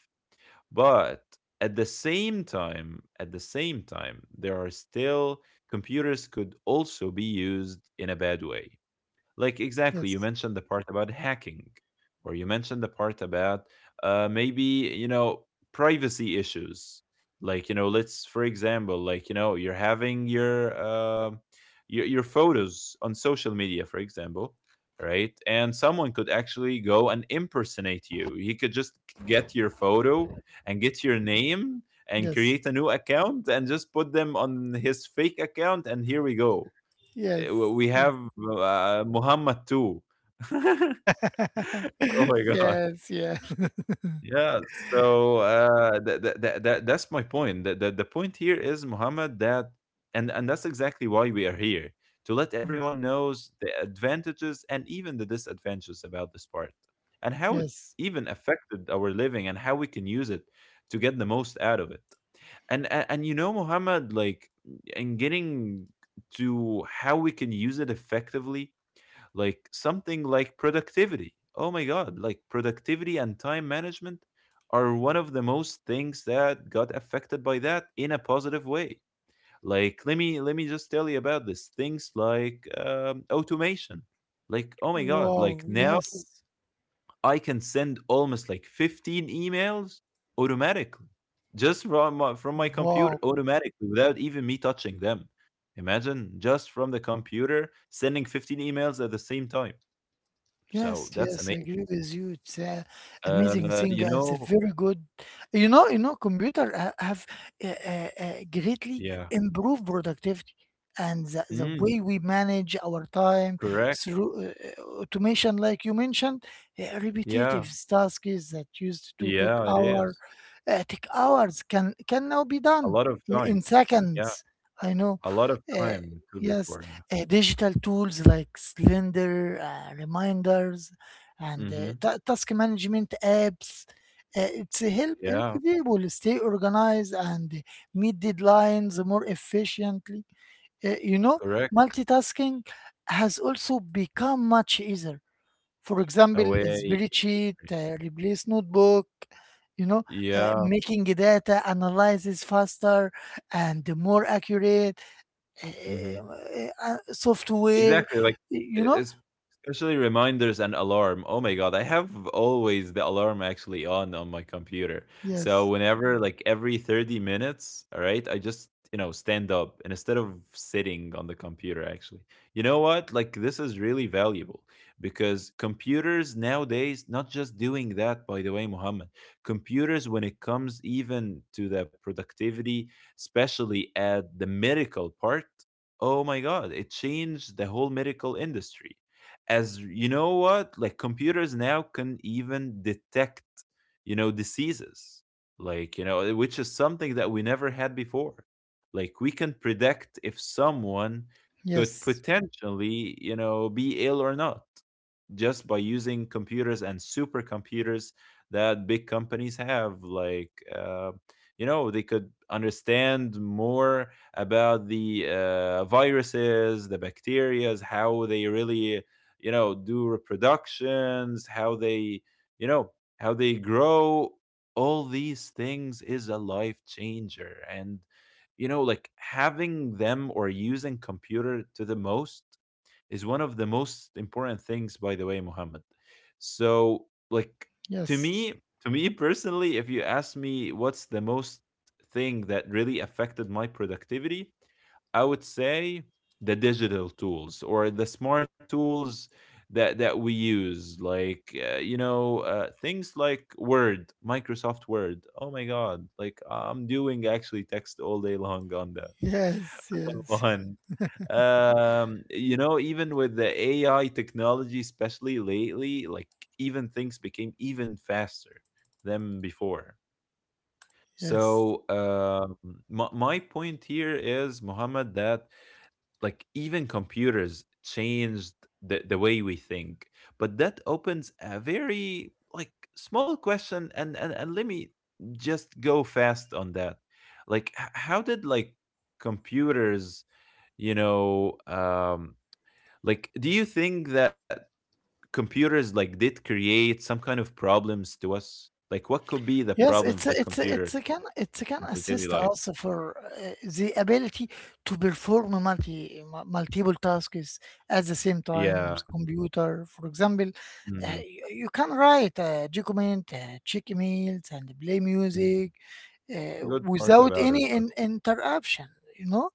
Speaker 1: But at the same time, there are still computers could also be used in a bad way. Like exactly, you
Speaker 2: Yes,
Speaker 1: mentioned the part about hacking, or you mentioned the part about maybe you know privacy issues. Like you know, let's for example, like you know, you're having your your photos on social media, for example, right? And someone could actually go and impersonate you. He could just get your photo and get your name and create
Speaker 2: yes,
Speaker 1: a new account and just put them on his fake account and here we go. uh,
Speaker 2: yes,
Speaker 1: we have
Speaker 2: yes,
Speaker 1: Muhammad too. Oh my god!
Speaker 2: yes, yeah.
Speaker 1: Yeah. So that's my point. The point here is Muhammad that, and that's exactly why we are here to let everyone
Speaker 2: Yes,
Speaker 1: knows the advantages and even the disadvantages about this part and how it
Speaker 2: yes.
Speaker 1: even affected our living and how we can use it to get the most out of it. And you know, Muhammad, like in getting to how we can use it effectively, like something like productivity. Oh my God, like productivity and time management are one of the most things that got affected by that in a positive way. Like let me just tell you about this things like automation. Like oh my God, like
Speaker 2: Wow,
Speaker 1: now
Speaker 2: yes,
Speaker 1: I can send almost like 15 emails automatically just from my computer
Speaker 2: wow.
Speaker 1: automatically without even me touching them. Imagine just from the computer sending 15 emails at the same time. So
Speaker 2: Yes,
Speaker 1: that's
Speaker 2: yes, I
Speaker 1: amazing.
Speaker 2: agree with you. It's a amazing thing,
Speaker 1: You
Speaker 2: and it's a
Speaker 1: know.
Speaker 2: very good. You know, computer have greatly
Speaker 1: Yeah.
Speaker 2: improved productivity and the
Speaker 1: Mm,
Speaker 2: way we manage our time
Speaker 1: correct.
Speaker 2: through automation, like you mentioned,
Speaker 1: Yeah.
Speaker 2: repetitive tasks that used to took
Speaker 1: Yeah, it
Speaker 2: hour,
Speaker 1: is.
Speaker 2: take hours can now be
Speaker 1: A
Speaker 2: done
Speaker 1: lot of time.
Speaker 2: in
Speaker 1: Yeah,
Speaker 2: seconds. I know.
Speaker 1: a lot of
Speaker 2: Uh,
Speaker 1: time to took
Speaker 2: yes,
Speaker 1: before, yeah.
Speaker 2: digital tools like Slender, reminders, and
Speaker 1: Mhm.
Speaker 2: task management apps. It's a help
Speaker 1: Yeah,
Speaker 2: people stay organized and meet deadlines more efficiently. You know,
Speaker 1: correct.
Speaker 2: multitasking has also become much easier. For example, a
Speaker 1: Away.
Speaker 2: spreadsheet replace notebook. You know,
Speaker 1: Yeah.
Speaker 2: making data analysis faster and more accurate eh,
Speaker 1: Mhm.
Speaker 2: software,
Speaker 1: Exactly, like,
Speaker 2: you
Speaker 1: e
Speaker 2: know?
Speaker 1: es especially reminders and alarm. Oh my god, I have always the alarm actually on my computer. So
Speaker 2: Yes,
Speaker 1: whenever, like, every 30 minutes, alright, I just, you know, stand up and instead of sitting on the computer actually. You know what? Like, this is really valuable because computers nowadays not just doing that, by the way, Muhammad. Computers when it comes even to the productivity, especially at the medical part. Oh my God, it changed the whole medical industry. As you know what? Like computers now can even detect, you know, diseases. Like, you know, which is something that we never had before. Like we can predict if someone could
Speaker 2: yes,
Speaker 1: potentially, you know, be ill or not just by using computers and supercomputers that big companies have. Like, you know, they could understand more about the viruses, the bacteria, how they really, you know, do reproductions, how they, you know, how they grow. All these things is a life changer. And, you know, like having them or using computer to the most is one of the most important things, by the way, Muhammad. So, like to me,
Speaker 2: yes,
Speaker 1: to me personally, if you ask me what's the most thing that really affected my productivity, I would say the digital tools or the smart tools that that we use, like you know things like Word, Microsoft Word. Oh my God! Like I'm doing actually text all day long on that
Speaker 2: yes, yes,
Speaker 1: one. You know, even with the AI technology, especially lately, like even things became even faster than before.
Speaker 2: yes.
Speaker 1: So, my point here is, Muhammad, that like even computers changed the way we think. But that opens a very like small question, and let me just go fast on that. Like, how did like computers you know um like do you think that computers like did create some kind of problems to us, like what could be the
Speaker 2: Yes,
Speaker 1: problems
Speaker 2: it's a,
Speaker 1: that
Speaker 2: it's a,
Speaker 1: computer
Speaker 2: it's a can
Speaker 1: in our daily
Speaker 2: assist
Speaker 1: life.
Speaker 2: also for the ability to perform multiple tasks at the same time on
Speaker 1: Yeah.
Speaker 2: the computer. For example,
Speaker 1: mm
Speaker 2: you, you can write a document, check emails, and play
Speaker 1: mm.
Speaker 2: music
Speaker 1: That's the good part
Speaker 2: without
Speaker 1: about it
Speaker 2: any
Speaker 1: but
Speaker 2: in, interruption. You know,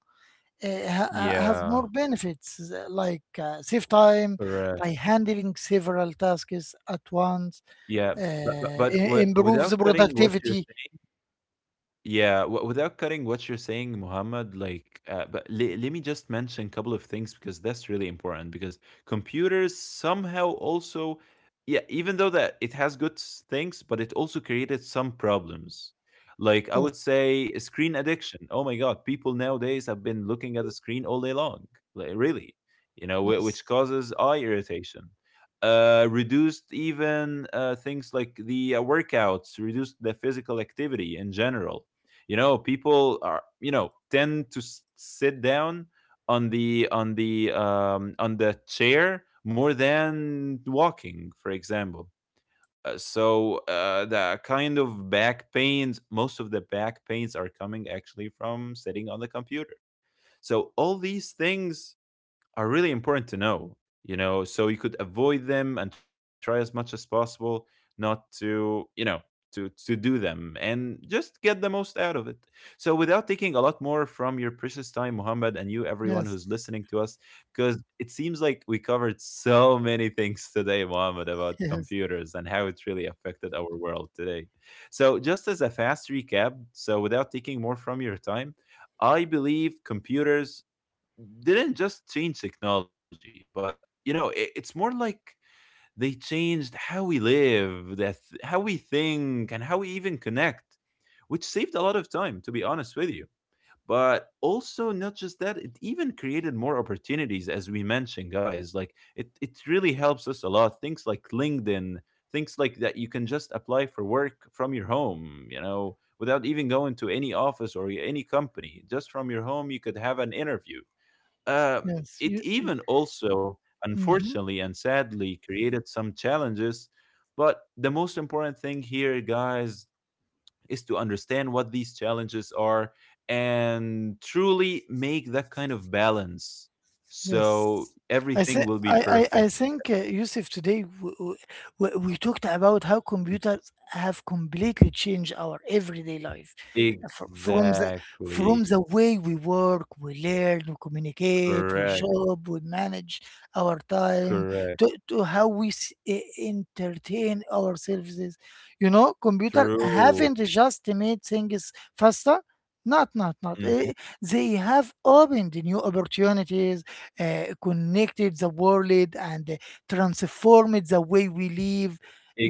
Speaker 2: have
Speaker 1: yeah
Speaker 2: more benefits like save time
Speaker 1: correct
Speaker 2: by handling several tasks at once,
Speaker 1: yeah
Speaker 2: uh,
Speaker 1: but,
Speaker 2: improves
Speaker 1: without
Speaker 2: the
Speaker 1: cutting what you're.
Speaker 2: productivity.
Speaker 1: Yeah, without cutting what you're saying, Muhammad, like, but le- let me just mention a couple of things because that's really important. Because computers somehow also, yeah, even though that it has good things, but it also created some problems. Like, I
Speaker 2: Yes,
Speaker 1: would say screen addiction. Oh my God, people nowadays have been looking at the screen all day long. Like, really, you know, which
Speaker 2: yes,
Speaker 1: causes eye irritation. Reduced even things like the workouts, reduced the physical activity in general. You know, people are you know tend to sit down on the on the chair more than walking, for example. The kind of back pains, most of the back pains are coming actually from sitting on the computer. So all these things are really important to know, you know, so you could avoid them and try as much as possible not to, you know, to do them and just get the most out of it. So without taking a lot more from your precious time, Muhammad, and you, everyone who's
Speaker 2: yes,
Speaker 1: listening to us, because it seems like we covered so many things today, Muhammad, about
Speaker 2: yes,
Speaker 1: computers and how it's really affected our world today. So just as a fast recap, so without taking more from your time, I believe computers didn't just change technology, but you know, it's more like they changed how we live, how we think, and how we even connect, which saved a lot of time, to be honest with you. But also, not just that, it even created more opportunities, as we mentioned, guys. Like it really helps us a lot. Things like LinkedIn, things like that. You can just apply for work from your home. You know, without even going to any office or any company. Just from your home, you could have an interview. Um,
Speaker 2: yes.
Speaker 1: it
Speaker 2: You,
Speaker 1: even also,
Speaker 2: mhm.
Speaker 1: unfortunately and sadly, created some challenges. But the most important thing here, guys, is to understand what these challenges are and truly make that kind of balance. So
Speaker 2: Yes. I
Speaker 1: everything
Speaker 2: think
Speaker 1: will be
Speaker 2: I
Speaker 1: perfect.
Speaker 2: think Yusuf today we talked about how computers have completely changed our everyday life. From the, from
Speaker 1: Exactly.
Speaker 2: the way we work, we learn, we communicate, we
Speaker 1: Correct.
Speaker 2: shop, we manage our time
Speaker 1: Correct.
Speaker 2: to how we entertain ourselves. You know, computer
Speaker 1: True.
Speaker 2: haven't just made things faster. Not, not, not.
Speaker 1: Hmm.
Speaker 2: They have opened new opportunities, connected the world, and transformed the way we live.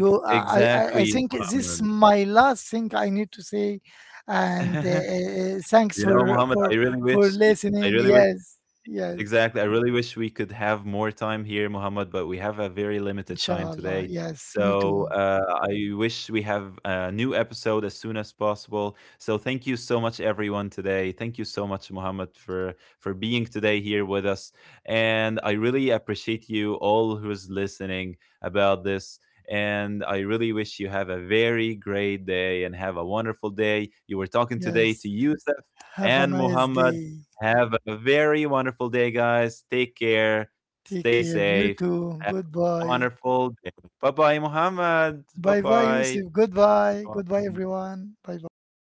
Speaker 2: You, I
Speaker 1: exactly,
Speaker 2: think this is
Speaker 1: Muhammad.
Speaker 2: my last thing I need to say, and thanks
Speaker 1: You know, Muhammad, I really
Speaker 2: for
Speaker 1: wish, I
Speaker 2: listening.
Speaker 1: really wish.
Speaker 2: Yes, yes,
Speaker 1: Exactly. I really wish we could have more time here, Muhammad, but we have a very limited time
Speaker 2: inshallah.
Speaker 1: today.
Speaker 2: Yes, me
Speaker 1: So
Speaker 2: too.
Speaker 1: I wish we have a new episode as soon as possible. So thank you so much, everyone, today. Thank you so much, Muhammad, for being today here with us. And I really appreciate you all who's listening about this. And I really wish you have a very great day and have a wonderful day. You were talking today to
Speaker 2: Yes.
Speaker 1: Yusuf
Speaker 2: Have a
Speaker 1: and
Speaker 2: nice
Speaker 1: Muhammad.
Speaker 2: day.
Speaker 1: Have a very wonderful day, guys. Take care.
Speaker 2: Take
Speaker 1: Stay
Speaker 2: care.
Speaker 1: safe.
Speaker 2: You too.
Speaker 1: Have a
Speaker 2: Goodbye.
Speaker 1: wonderful day. Bye bye, Muhammad. Bye
Speaker 2: Bye bye, Yusuf. Goodbye. Goodbye,
Speaker 1: bye.
Speaker 2: everyone. Bye bye.